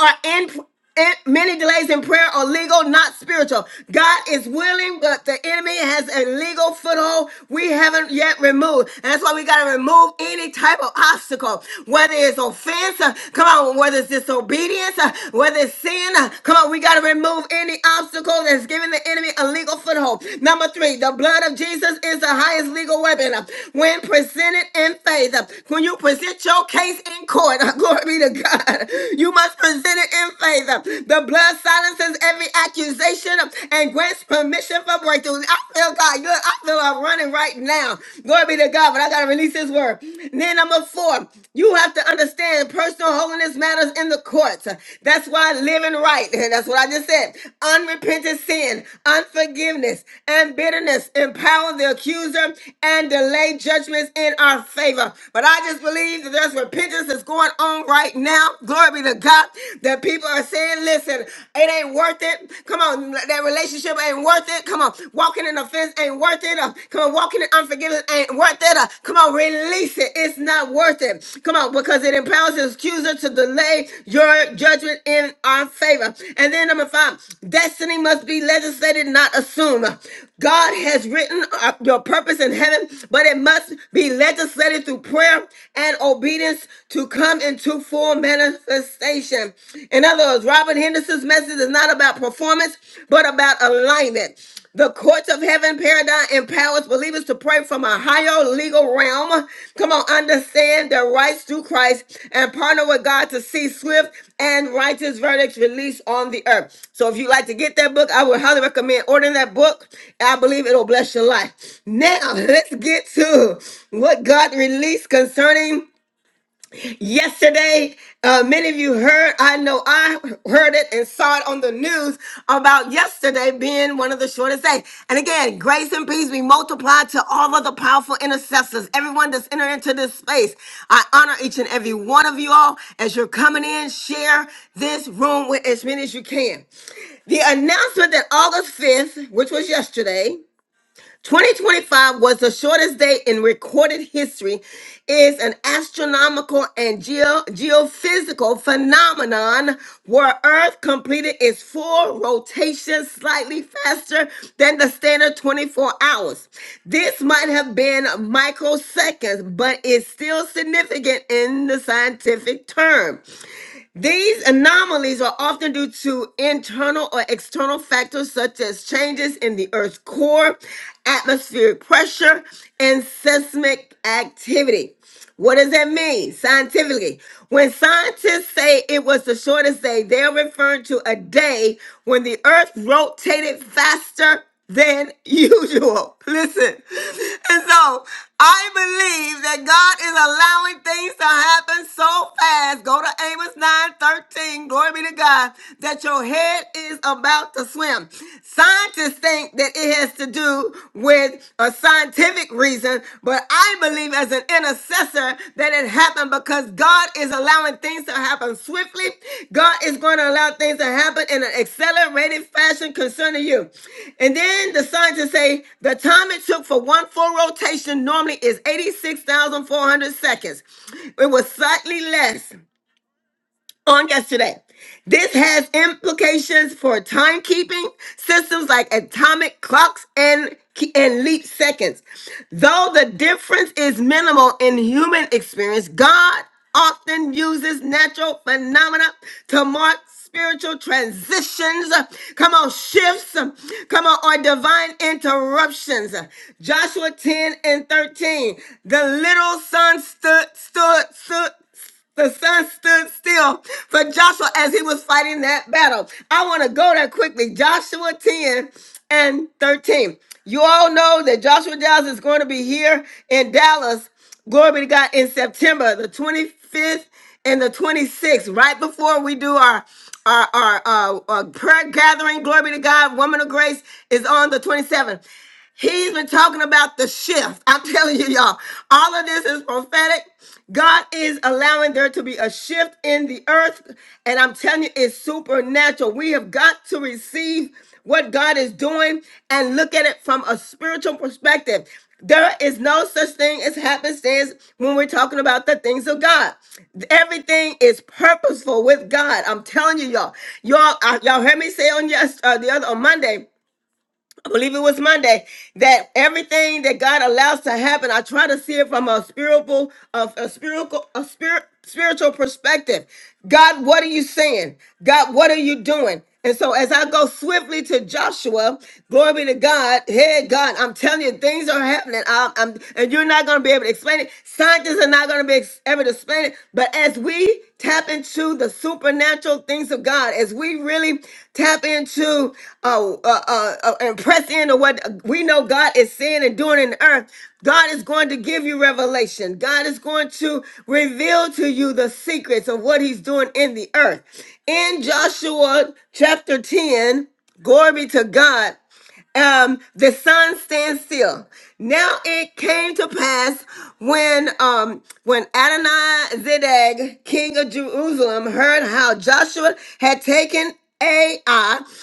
Speaker 1: are in, in- many delays in prayer are legal, not spiritual. God is willing, but the enemy has a legal foothold we haven't yet removed. And that's why we got to remove any type of obstacle, whether it's offense, uh, come on, whether it's disobedience, uh, whether it's sin, uh, come on, we got to remove any obstacle that's giving the enemy a legal foothold. Number three, the blood of Jesus is the highest legal weapon. Uh, When presented in faith, uh, when you present your case in court, glory be to God. God. You must present it in faith. The blood silences every accusation and grants permission for breakthroughs. I feel God. Look, I feel I'm running right now. Glory be to God, but I got to release His word. Then number four, you have to understand personal holiness matters in the courts. That's why living right, and that's what I just said. Unrepentant sin, unforgiveness, and bitterness empower the accuser and delay judgments in our favor. But I just believe that there's repentance that's going on on right now. Glory be to God. That people are saying, listen, it ain't worth it. Come on, that relationship ain't worth it. Come on, walking in offense ain't worth it. Uh, Come on, walking in unforgiveness ain't worth it. Uh, Come on, release it. It's not worth it. Come on, because it empowers the accuser to delay your judgment in our favor. And then number five, destiny must be legislated, not assumed. God has written uh, your purpose in heaven, but it must be legislated through prayer and obedience to come into full manifestation. In other words, Robert Henderson's message is not about performance, but about alignment. The courts of heaven paradigm empowers believers to pray from a higher legal realm. Come on, understand their rights through Christ and partner with God to see swift and righteous verdicts released on the earth. So, if you'd like to get that book, I would highly recommend ordering that book. I believe it'll bless your life. Now, let's get to what God released concerning. Yesterday, uh, many of you heard, I know I heard it and saw it on the news about yesterday being one of the shortest days. And again, grace and peace be multiplied to all of the powerful intercessors, everyone that's entered into this space. I honor each and every one of you all as you're coming in. Share this room with as many as you can. The announcement that August 5th, which was yesterday, 2025 was the shortest day in recorded history is an astronomical and geo- geophysical phenomenon where earth completed its full rotation slightly faster than the standard 24 hours this might have been microseconds but it's still significant in the scientific term these anomalies are often due to internal or external factors such as changes in the Earth's core, atmospheric pressure, and seismic activity. What does that mean scientifically? When scientists say it was the shortest day, they're referring to a day when the Earth rotated faster than usual. Listen. And so I believe that God is allowing things to happen so fast. Go to Amos 9 13. Glory be to God. That your head is about to swim. Scientists think that it has to do with a scientific reason, but I believe as an intercessor that it happened because God is allowing things to happen swiftly. God is going to allow things to happen in an accelerated fashion concerning you. And then the scientists say the time it took for one full rotation normally is 86,400 seconds. It was slightly less on yesterday. This has implications for timekeeping systems like atomic clocks and, and leap seconds. Though the difference is minimal in human experience, God often uses natural phenomena to mark spiritual transitions, come on, shifts, come on, or divine interruptions. Joshua 10 and 13. The little son stood, stood, stood the sun stood still for Joshua as he was fighting that battle. I want to go there quickly. Joshua 10 and 13. You all know that Joshua Giles is going to be here in Dallas, glory be to God, in September, the 25th and the 26th, right before we do our our, our uh, uh, prayer gathering, glory be to God, Woman of Grace is on the 27th. He's been talking about the shift. I'm telling you, y'all, all of this is prophetic. God is allowing there to be a shift in the earth. And I'm telling you, it's supernatural. We have got to receive what God is doing and look at it from a spiritual perspective. There is no such thing as happenstance when we're talking about the things of God. Everything is purposeful with God. I'm telling you, y'all. Y'all, uh, y'all heard me say on yes, uh, the other on Monday. I believe it was Monday, that everything that God allows to happen, I try to see it from a spiritual, a, a spiritual, a spirit, spiritual perspective. God, what are you saying? God, what are you doing? And so as I go swiftly to Joshua, glory be to God. Hey, God, I'm telling you, things are happening. I'm, I'm- and you're not going to be able to explain it. Scientists are not going to be ex- able to explain it. But as we tap into the supernatural things of God, as we really tap into uh, uh, uh, uh, and press into what we know God is saying and doing in the earth, God is going to give you revelation. God is going to reveal to you the secrets of what He's doing in the earth. In Joshua chapter 10, glory be to God um, the sun stands still. Now it came to pass when um, when Adonizedek, king of Jerusalem, heard how Joshua had taken Ai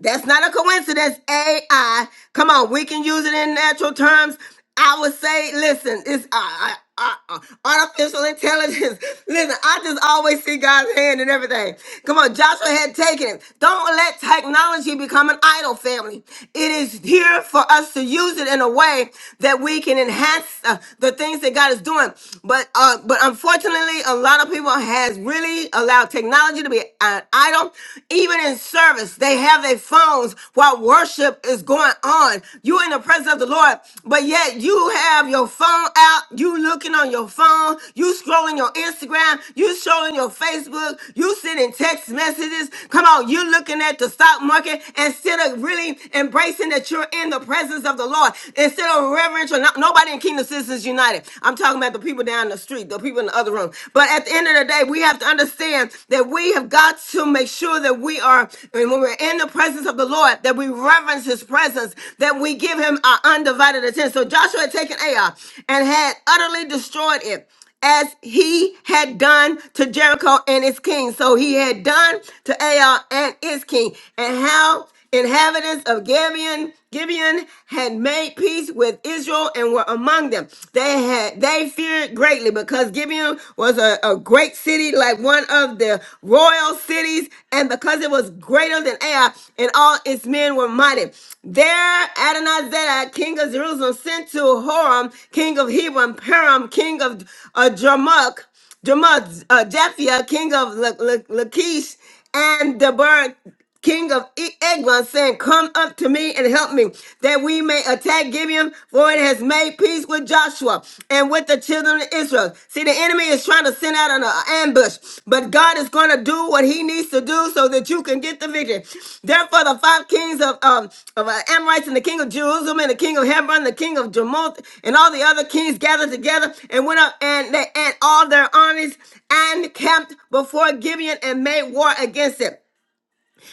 Speaker 1: that's not a coincidence. AI. Come on, we can use it in natural terms. I would say, listen, it's uh, uh, uh, uh, artificial intelligence. listen, I just always see God's hand in everything. Come on, Joshua had taken it. Don't let technology become an idol, family. It is here for us to use it in a way that we can enhance uh, the things that God is doing. But uh, but unfortunately, a lot of people has really allowed technology challenge you to be an idol. Even in service, they have their phones while worship is going on. you in the presence of the Lord, but yet you have your phone out. You looking on your phone. You scrolling your Instagram. You scrolling your Facebook. You sending text messages. Come on, you looking at the stock market instead of really embracing that you're in the presence of the Lord. Instead of reverential, no- nobody in Kingdom Citizens United. I'm talking about the people down the street, the people the people in the other room. But at the end of the day, we have to understand that we have got to make sure that we are, and when we're in the presence of the Lord, that we reverence his presence, that we give him our undivided attention. So Joshua had taken Ai and had utterly destroyed it as he had done to Jericho and its king. So he had done to Ai and its king. And how inhabitants of Gibeon, Gibeon had made peace with Israel and were among them. They had they feared greatly because Gibeon was a, a great city, like one of the royal cities, and because it was greater than Ai, and all its men were mighty. There Adonizedek, king of Jerusalem, sent to Horam, king of Hebron, Param, king of uh, Jarmuk, Jamal, uh, Japhia, king of La- La- Lachish, and Deborah, king of E- Eglon, saying, Come up to me and help me, that we may attack Gibeon, for it has made peace with Joshua and with the children of Israel. See, the enemy is trying to send out an uh, ambush, but God God is going to do what he needs to do so that you can get the victory. Therefore, the five kings of, um, of uh, Amorites and the king of Jerusalem and the king of Hebron, the king of Jarmuth, and all the other kings gathered together and went up and, they, and all their armies and camped before Gibeon and made war against it.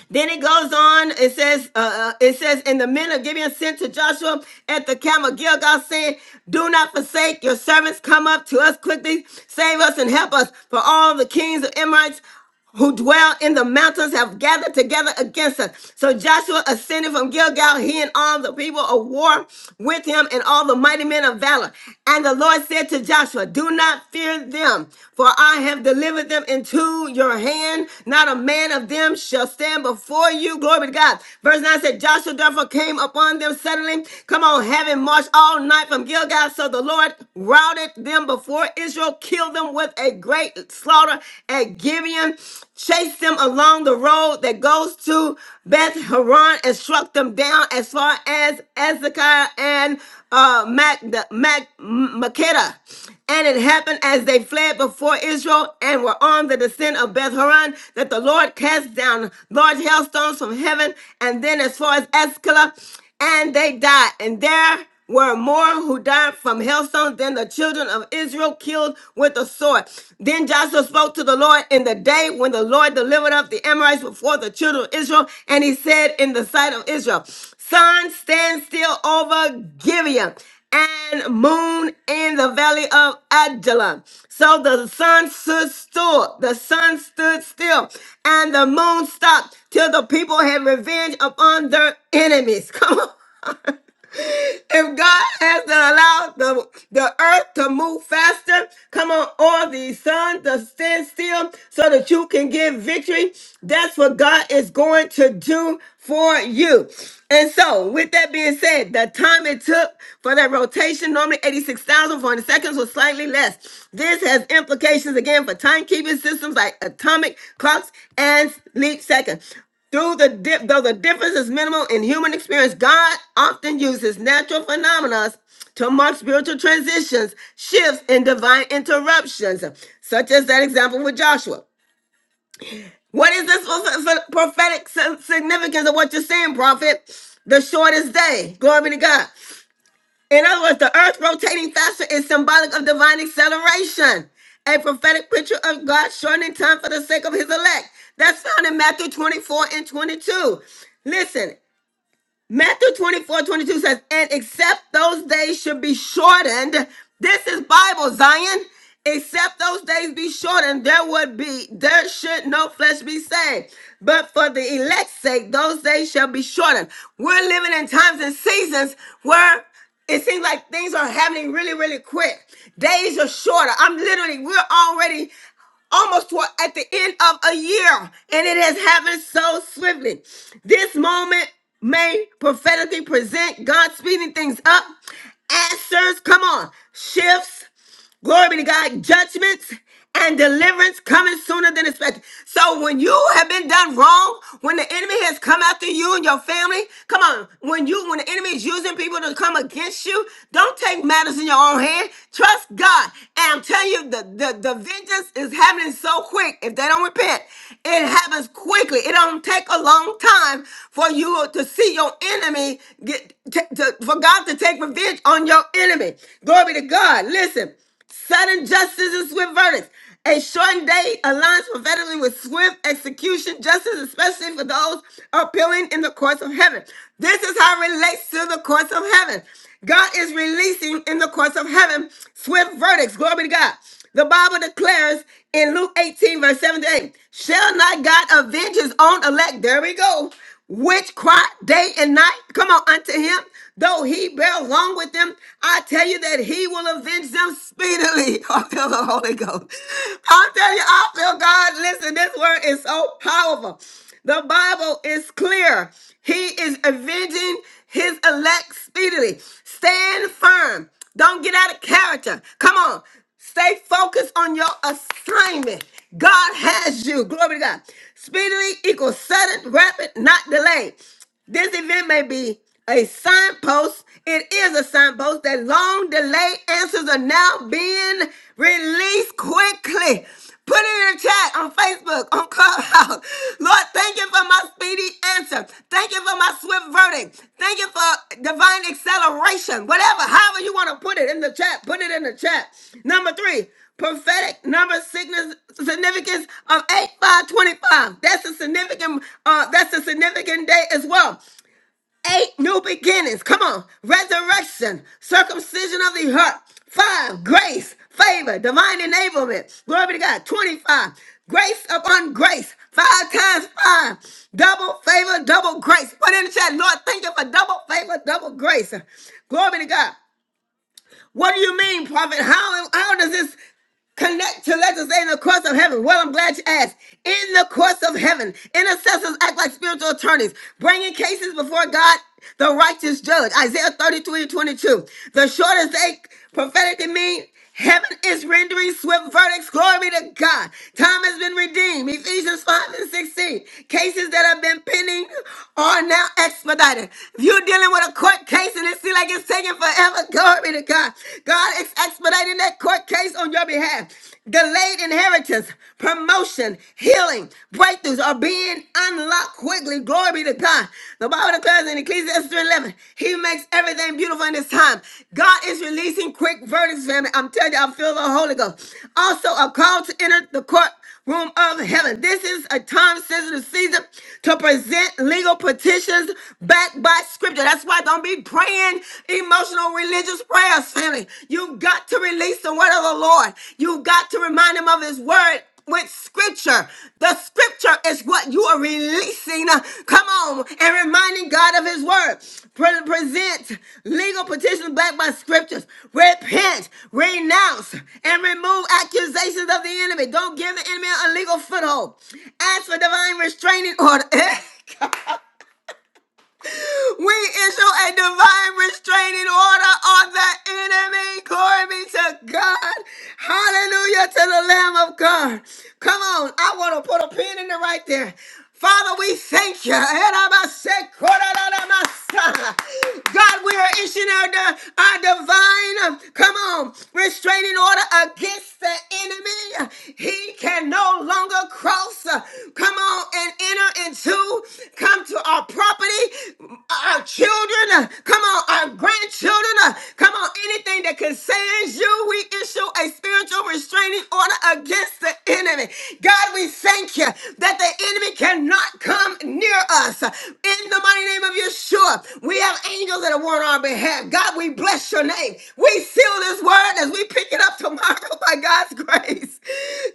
Speaker 1: Then it goes on. It says, uh, uh, it says, and the men of Gibeon sent to Joshua at the camp of Gilgal, saying, Do not forsake your servants. Come up to us quickly. Save us and help us. For all the kings of Amorites who dwell in the mountains have gathered together against us. So Joshua ascended from Gilgal, he and all the people of war with him and all the mighty men of valor. And the Lord said to Joshua, do not fear them, for I have delivered them into your hand. Not a man of them shall stand before you. Glory to God. Verse 9 said, Joshua therefore came upon them suddenly. Come on, having marched all night from Gilgal. So the Lord routed them before Israel, killed them with a great slaughter at Gibeon, chased them along the road that goes to Beth Horon, and struck them down as far as Ezekiah and uh, Mac, Mac, Makeda. And it happened as they fled before Israel and were on the descent of Beth Horon that the Lord cast down large hailstones from heaven and then as far as Escala, and they died. And there were more who died from hailstones than the children of Israel killed with the sword. Then Joshua spoke to the Lord in the day when the Lord delivered up the Amorites before the children of Israel, and he said in the sight of Israel, Sun, stand still over Gibeon and moon in the valley of Adullam. So the sun stood still, the sun stood still, and the moon stopped till the people had revenge upon their enemies. Come on if God has to allow the, the earth to move faster, come on, or the sun to stand still so that you can get victory. That's what God is going to do for you. And so, with that being said, the time it took for that rotation, normally 86,400 seconds, was slightly less. This has implications again for timekeeping systems like atomic clocks and leap seconds. Through the dip, though the difference is minimal in human experience, God often uses natural phenomena to mark spiritual transitions, shifts, and divine interruptions, such as that example with Joshua. What is this for- for- prophetic si- significance of what you're saying, prophet? The shortest day. Glory be to God. In other words, the earth rotating faster is symbolic of divine acceleration, a prophetic picture of God shortening time for the sake of his elect. That's found in Matthew 24 and 22. Listen, Matthew 24 22 says, and except those days should be shortened. This is Bible, Zion. Except those days be shortened, there would be, there should no flesh be saved. But for the elect's sake, those days shall be shortened. We're living in times and seasons where it seems like things are happening really, really quick. Days are shorter. I'm literally, we're already almost toward, at the end of a year, and it has happened so swiftly. This moment may prophetically present God speeding things up, answers, come on, shifts, Glory be to God. Judgments and deliverance coming sooner than expected. So when you have been done wrong, when the enemy has come after you and your family, come on. When you when the enemy is using people to come against you, don't take matters in your own hand. Trust God. And I'm telling you, the, the, the vengeance is happening so quick. If they don't repent, it happens quickly. It don't take a long time for you to see your enemy get to, to- for God to take revenge on your enemy. Glory be to God. Listen. Sudden justice and swift verdicts. A shortened day aligns prophetically with swift execution, justice, especially for those appealing in the courts of heaven. This is how it relates to the courts of heaven. God is releasing in the courts of heaven swift verdicts. Glory to God. The Bible declares in Luke 18, verse 7 to 8, shall not God avenge his own elect? There we go which cry day and night. Come on, unto him. Though he bear long with them, I tell you that he will avenge them speedily. I feel the Holy Ghost. i tell you, I feel God. Listen, this word is so powerful. The Bible is clear. He is avenging his elect speedily. Stand firm. Don't get out of character. Come on. Stay focused on your assignment. God has you. Glory to God. Speedily equals sudden, rapid, not delayed. This event may be a signpost. It is a signpost that long delayed answers are now being released quickly. Put it in the chat on Facebook, on Clubhouse. Lord, thank you for my speedy answer. Thank you for my swift verdict. Thank you for divine acceleration. Whatever, however you want to put it in the chat, put it in the chat. Number three, prophetic number signis- significance of eight five twenty five. That's a significant uh that's a significant day as well. Eight new beginnings. Come on. Resurrection, circumcision of the heart. Five, grace, favor, divine enablement. Glory be to God. 25, grace upon grace. Five times five. Double favor, double grace. Put in the chat, Lord, thank you for double favor, double grace. Glory be to God. What do you mean, prophet? How, how does this connect to legislate in the course of heaven? Well, I'm glad you asked. In the course of heaven, intercessors act like spiritual attorneys, bringing cases before God, the righteous judge. Isaiah 33 and 22. The shortest they prophetically mean heaven is rendering swift verdicts. Glory to God. Time has been redeemed. Ephesians 5 and 16. Cases that have been pending are now expedited. If you're dealing with a court case and it seems like it's taking forever, glory to God. God. God is expediting that court case on your behalf. Delayed inheritance, promotion, healing, breakthroughs are being unlocked quickly. Glory be to God. The Bible declares in Ecclesiastes three 11, He makes everything beautiful in His time. God is releasing quick verdicts, family. I'm telling you, I feel the Holy Ghost. Also, a call to enter the court room of heaven. This is a time sensitive season to present legal petitions backed by scripture. That's why don't be praying emotional religious prayers, family. You've got to release the word of the Lord. You've got to remind him of his word with scripture. The scripture word is what you are releasing. uh, Come on, and reminding God of His word. Pre- present legal petitions backed by scriptures. Repent, renounce, and remove accusations of the enemy. Don't give the enemy a legal foothold. Ask for divine restraining order. We issue a divine restraining order on the enemy. Glory be to God. Hallelujah to the Lamb of God. Come on, I want to put a pin in it right there. Father, we thank you. God, we are issuing our, di- our divine, um, come on, restraining order against the enemy. He can no longer cross, uh, come on, and enter into, come to our property our children, uh, come on, our grandchildren, uh, come on, anything that concerns you, we issue a spiritual restraining order against the enemy. God, we thank you that the enemy cannot come near us. In the mighty name of Yeshua, we have angels that are on our behalf. God, we bless your name. We seal this word as we pick it up tomorrow by God's grace.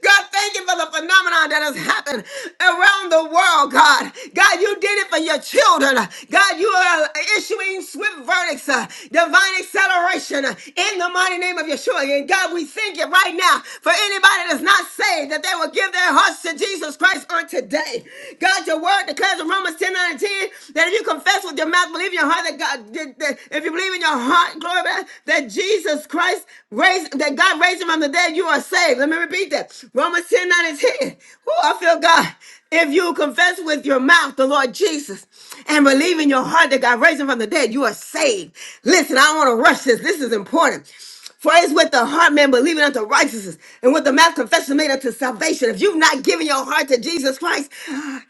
Speaker 1: God, God, thank you for the phenomenon that has happened around the world, God. God, you did it for your children. God, you are issuing swift verdicts, uh, divine acceleration uh, in the mighty name of Yeshua. And God, we thank you right now for anybody that's not saved that they will give their hearts to Jesus Christ on today. God, your word declares in Romans 10 nine and 10 that if you confess with your mouth, believe in your heart that God, that- that- if you believe in your heart, glory be to God, that Jesus Christ. Christ raised, that God raised him from the dead, you are saved. Let me repeat that. Romans 10 nine is here. Oh, I feel God. If you confess with your mouth the Lord Jesus and believe in your heart that God raised him from the dead, you are saved. Listen, I don't want to rush this. This is important. For it's with the heart man believing unto righteousness, and with the mouth confession made unto salvation. If you've not given your heart to Jesus Christ,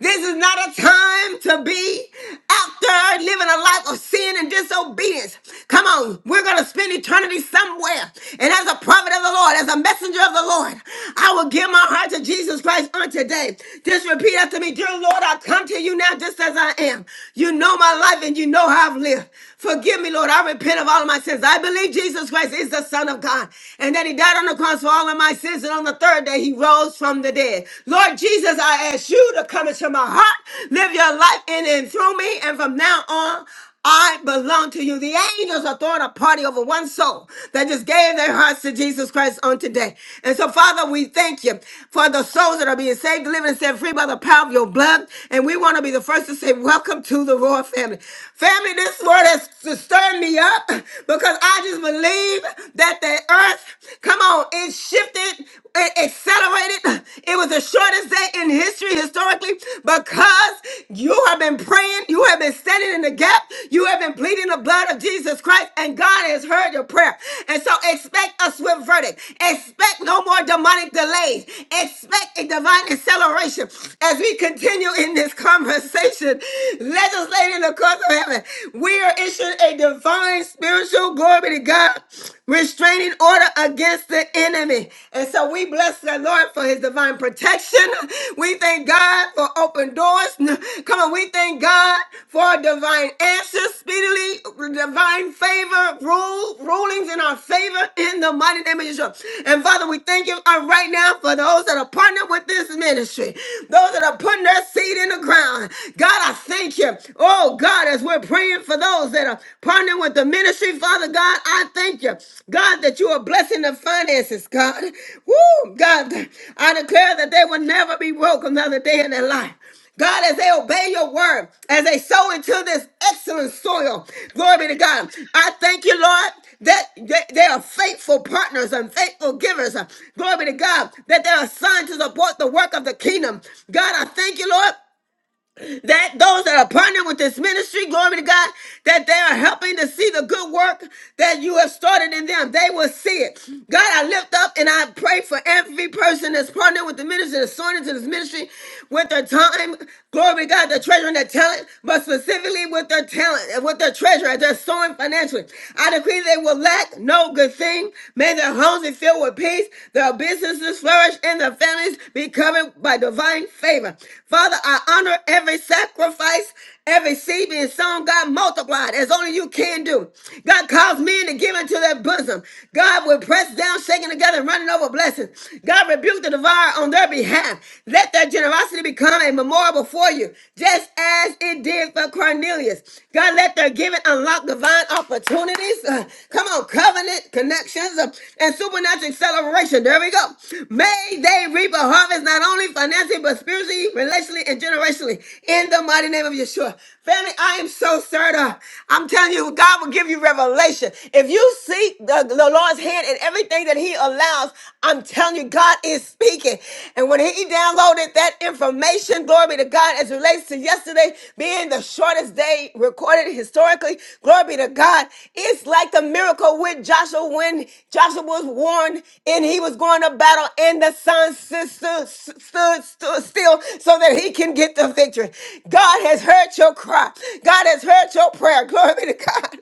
Speaker 1: this is not a time to be out there living a life of sin sin and disobedience. Come on, we're going to spend eternity somewhere. And as a prophet of the Lord, as a messenger of the Lord, I will give my heart to Jesus Christ on today. Just repeat after me, dear Lord, I come to you now just as I am. You know my life and you know how I've lived. Forgive me, Lord. I repent of all of my sins. I believe Jesus Christ is the Son of God and that He died on the cross for all of my sins. And on the third day, He rose from the dead. Lord Jesus, I ask you to come into my heart, live your life in and through me. And from now on, I belong to you. The angels are throwing a party over one soul that just gave their hearts to Jesus Christ on today. And so, Father, we thank you for the souls that are being saved, delivered, and set free by the power of your blood. And we want to be the first to say, Welcome to the royal family. Family, this word has stirred me up because I just believe that the earth, come on, it shifted, it accelerated. It was the shortest day in history history historically because you have been praying, you have been standing in the gap, you have been pleading the blood of Jesus Christ, and God has heard your prayer. And so expect a swift verdict. Expect no more demonic delays. Expect a divine acceleration as we continue in this conversation, legislating the course of heaven. We are issuing a divine spiritual glory to God, restraining order against the the enemy. And so we bless the Lord for his divine protection. We thank God for open doors. Come on, we thank God for divine answers speedily, divine favor, rule, rulings in our favor in the mighty name of Jesus. And Father, we thank you uh, right now for those that are partnered with this ministry, those that are putting their seed in the ground. God, I thank you. Oh God, as we're praying for those that are partnering with the ministry, Father God. I thank you, God, that you are blessing the finances, God. Woo, God, I declare that they will never be broke another day in their life. God, as they obey your word, as they sow into this excellent soil, glory be
Speaker 13: and
Speaker 1: to
Speaker 13: they sow
Speaker 1: God.
Speaker 13: into
Speaker 1: I
Speaker 13: this
Speaker 1: thank you,
Speaker 13: excellent
Speaker 1: Lord,
Speaker 13: soil.
Speaker 1: that they, they are faithful partners and faithful givers. Glory be to God, that they are assigned to support the work of the kingdom. God, I thank you, Lord, that those that are partnering with this ministry, glory to God, that they are helping to see the good work that you have started in them. They will see it. God, I lift up and I pray for every person that's partnering with the ministry, that's sowing into this ministry with their time. Glory to God, their treasure and their talent, but specifically with their talent and with their treasure as they're sowing financially. I decree they will lack no good thing. May their homes be filled with peace, their businesses flourish, and their families be covered by divine favor favor. Father, I honor every sacrifice, every seed being sown, God, multiplied as only you can do. God, cause men to give into their bosom. God, will press down, shaking together, and running over blessings. God, rebuke the devourer on their behalf. Let their generosity become a memorial before you, just as it did for Cornelius. God, let their giving unlock divine opportunities. Uh, come on, covenant connections uh, and supernatural acceleration. There we go. May they reap a harvest harvest not only financially, but spiritually, relationally, and generationally. In the mighty name of Yeshua. Family, I am so stirred up. I'm telling you, God will give you revelation. If you seek the, the Lord's hand in everything that He allows, I'm telling you, God is speaking. And when He downloaded that information, glory be to God, as it relates to yesterday being the shortest day recorded historically, glory be to God. It's like the miracle with Joshua when Joshua was warned and he was going up won a battle and the son stood, stood, stood, stood still so that he can get the victory. God has heard your cry. God has heard your prayer. Glory be to God.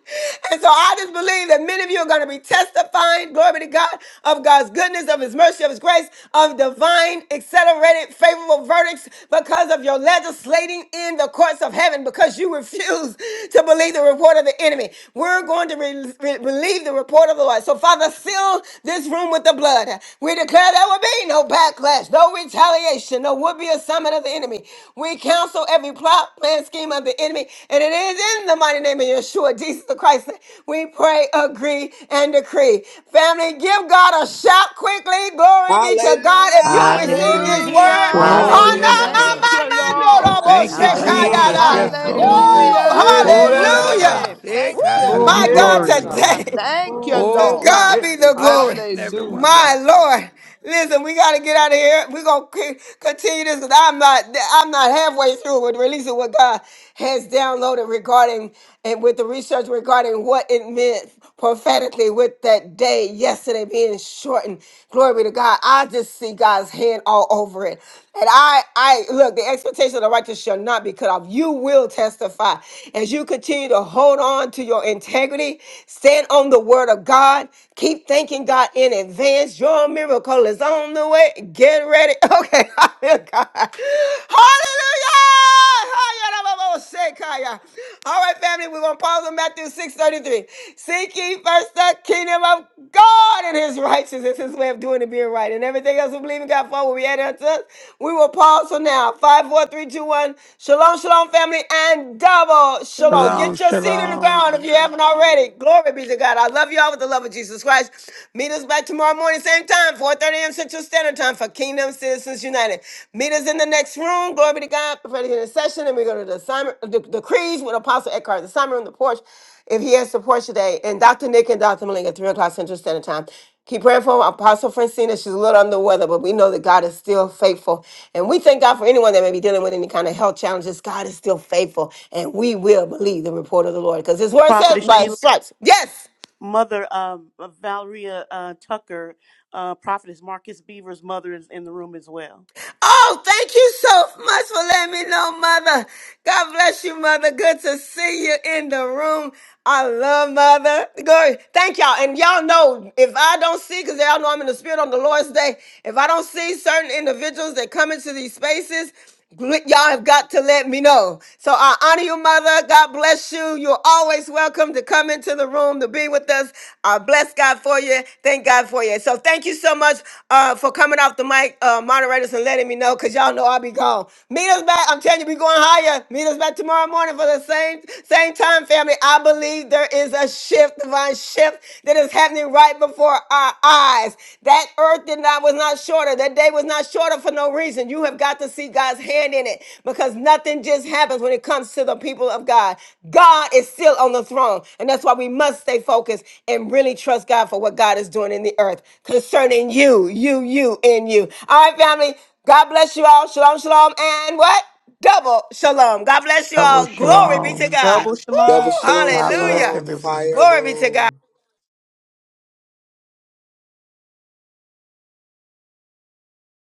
Speaker 1: And so I just believe that many of you are going to be testifying, glory be to God, of God's goodness, of his mercy, of his grace, of divine, accelerated, favorable verdicts because of your legislating in the courts of heaven because you refuse to believe the report of the enemy. We're going to re- re- believe the report of the Lord. So, Father, seal fill this room with the blood. We declare there will be no backlash, no retaliation, no would be assignment of the enemy. We counsel every plot, plan, scheme of the enemy, and it is in the mighty name of Yeshua, Jesus the Christ. that We pray, agree, and decree. Family, give God a shout quickly. Glory be to God. If you
Speaker 7: Hallelujah.
Speaker 1: receive this
Speaker 14: Hallelujah.
Speaker 15: Glory.
Speaker 1: word,
Speaker 4: Oh,
Speaker 6: Hallelujah.
Speaker 4: yes,
Speaker 14: Hallelujah.
Speaker 16: Hallelujah.
Speaker 6: Thank
Speaker 4: Lord.
Speaker 6: you,
Speaker 2: Hallelujah.
Speaker 6: Lord.
Speaker 2: Thank you,
Speaker 4: Thank you,
Speaker 2: Jesus.
Speaker 16: Hallelujah.
Speaker 14: Hallelujah.
Speaker 4: Jesus.
Speaker 13: Hallelujah.
Speaker 1: Anamamamandoroboshetayada.
Speaker 14: Thank
Speaker 4: Yes,
Speaker 14: you,
Speaker 4: Lord.
Speaker 13: Hallelujah.
Speaker 14: Jesus.
Speaker 1: Woo!
Speaker 10: Hallelujah.
Speaker 6: Hallelujah.
Speaker 10: Thank you,
Speaker 13: That's
Speaker 11: Glory
Speaker 4: Oh
Speaker 11: be
Speaker 1: Hallelujah!
Speaker 13: all.
Speaker 6: Glory.
Speaker 11: to
Speaker 10: Jesus.
Speaker 11: God.
Speaker 1: Woo!
Speaker 6: Thank
Speaker 14: We
Speaker 6: you,
Speaker 16: Yedalalabababashanda.
Speaker 11: Thank
Speaker 14: give
Speaker 13: Hallelujah.
Speaker 14: you
Speaker 1: My
Speaker 11: you,
Speaker 8: Glory
Speaker 1: God,
Speaker 10: Glory
Speaker 6: Jesus.
Speaker 10: to
Speaker 8: to
Speaker 14: glory,
Speaker 11: Jesus.
Speaker 10: your
Speaker 11: We
Speaker 8: God.
Speaker 14: Lord.
Speaker 1: today.
Speaker 11: did
Speaker 10: name.
Speaker 11: not
Speaker 16: Yekanlalababa.
Speaker 6: Thank you,
Speaker 1: To
Speaker 10: Glory
Speaker 11: wait.
Speaker 6: Lord.
Speaker 10: to
Speaker 8: Glory.
Speaker 10: your
Speaker 1: God
Speaker 4: God,
Speaker 1: be
Speaker 10: name.
Speaker 1: the
Speaker 11: Thank
Speaker 4: bless
Speaker 11: you.
Speaker 1: glory.
Speaker 16: Yekedidi.
Speaker 4: each and every one of
Speaker 6: Hallelujah.
Speaker 1: My
Speaker 4: us.
Speaker 10: Hallelujah.
Speaker 1: Lord,
Speaker 11: God.
Speaker 1: listen, we gotta get out of here. We're gonna c- continue this because I'm not, I'm not halfway through with releasing what God has downloaded regarding and with the research regarding what it meant prophetically with that day yesterday being shortened. Glory be to God. I just see God's hand all over it, and I, I look. The expectation of the righteous shall not be cut off. You will testify as you continue to hold on to your integrity, stand on the word of God, keep things thanking God in advance. Your miracle is on the way. Get ready. Okay, I feel God. Hallelujah! All right, family, we're going to pause on Matthew 6.33. Seek ye first the kingdom of God and his righteousness, his way of doing and being right. And everything else we believe in God for will be added unto us. We will pause for now. Five, four, three, two, one. Shalom, shalom, family, and double shalom.
Speaker 4: Shalom,
Speaker 1: Get your seat in the ground if
Speaker 4: shalom,
Speaker 1: you haven't already. Glory be to God. I love you all with the love love of Jesus Christ. Meet us back tomorrow morning, same time, 4.30 a.m. Central Standard Time for Kingdom Citizens United. Meet us in the next room. Glory be to God. Prepare to hear the session. And we go to the assignment, the decrees with Apostle Eckhart, the assignment on the porch. If he has support today, and Dr. Nick and Dr. Malinga, 3 o'clock Central Standard Time. Keep praying for Apostle Francina. She's a little under the weather, but we know that God is still faithful. And we thank God for anyone that may be dealing with any kind of health challenges. God is still faithful, and we will believe the report of the Lord because His word says,
Speaker 8: Prophetess
Speaker 1: by His
Speaker 8: Sheila,
Speaker 1: stripes. Yes.
Speaker 8: mother um, of Valeria uh, Tucker, uh, Prophetess Marcus Beaver's mother is in the room as well.
Speaker 1: Oh, thank you so much for letting me know, Mother. God bless you, Mother. Good to see you in the room. I love Mother. Glory. Thank y'all. And y'all know if I don't see, because y'all know I'm in the spirit on the Lord's day, if I don't see certain individuals that come into these spaces, Gl- Y'all have got to let me know. So I honor you, mother. God bless you. You're always welcome to come into the room to be with us. I bless God for you. Thank God for you. So thank you so much uh, for coming off the mic, uh, moderators, and letting me know because y'all know I'll be gone. Meet us back. I'm telling you, we going higher. Meet us back tomorrow morning for the same same time, family. I believe there is a shift, divine shift that is happening right before our eyes. That earth did did not was not shorter. That day was not shorter for no reason. You have got to see God's hand in it because nothing just happens when it comes to the people of God. God is still on the throne, and that's why we must stay focused and really trust God for what God is doing in the earth concerning you, you, you, and you. All right, family. God bless you all. Shalom, shalom, and what? Double shalom. God bless you
Speaker 4: double
Speaker 1: all. Glory be to
Speaker 4: shalom.
Speaker 1: God.
Speaker 8: Double
Speaker 1: Woo!
Speaker 8: shalom.
Speaker 7: Double shalom,
Speaker 4: God bless
Speaker 1: Hallelujah.
Speaker 7: shalom,
Speaker 4: everyone.
Speaker 7: fire
Speaker 1: Glory be to God.
Speaker 7: room.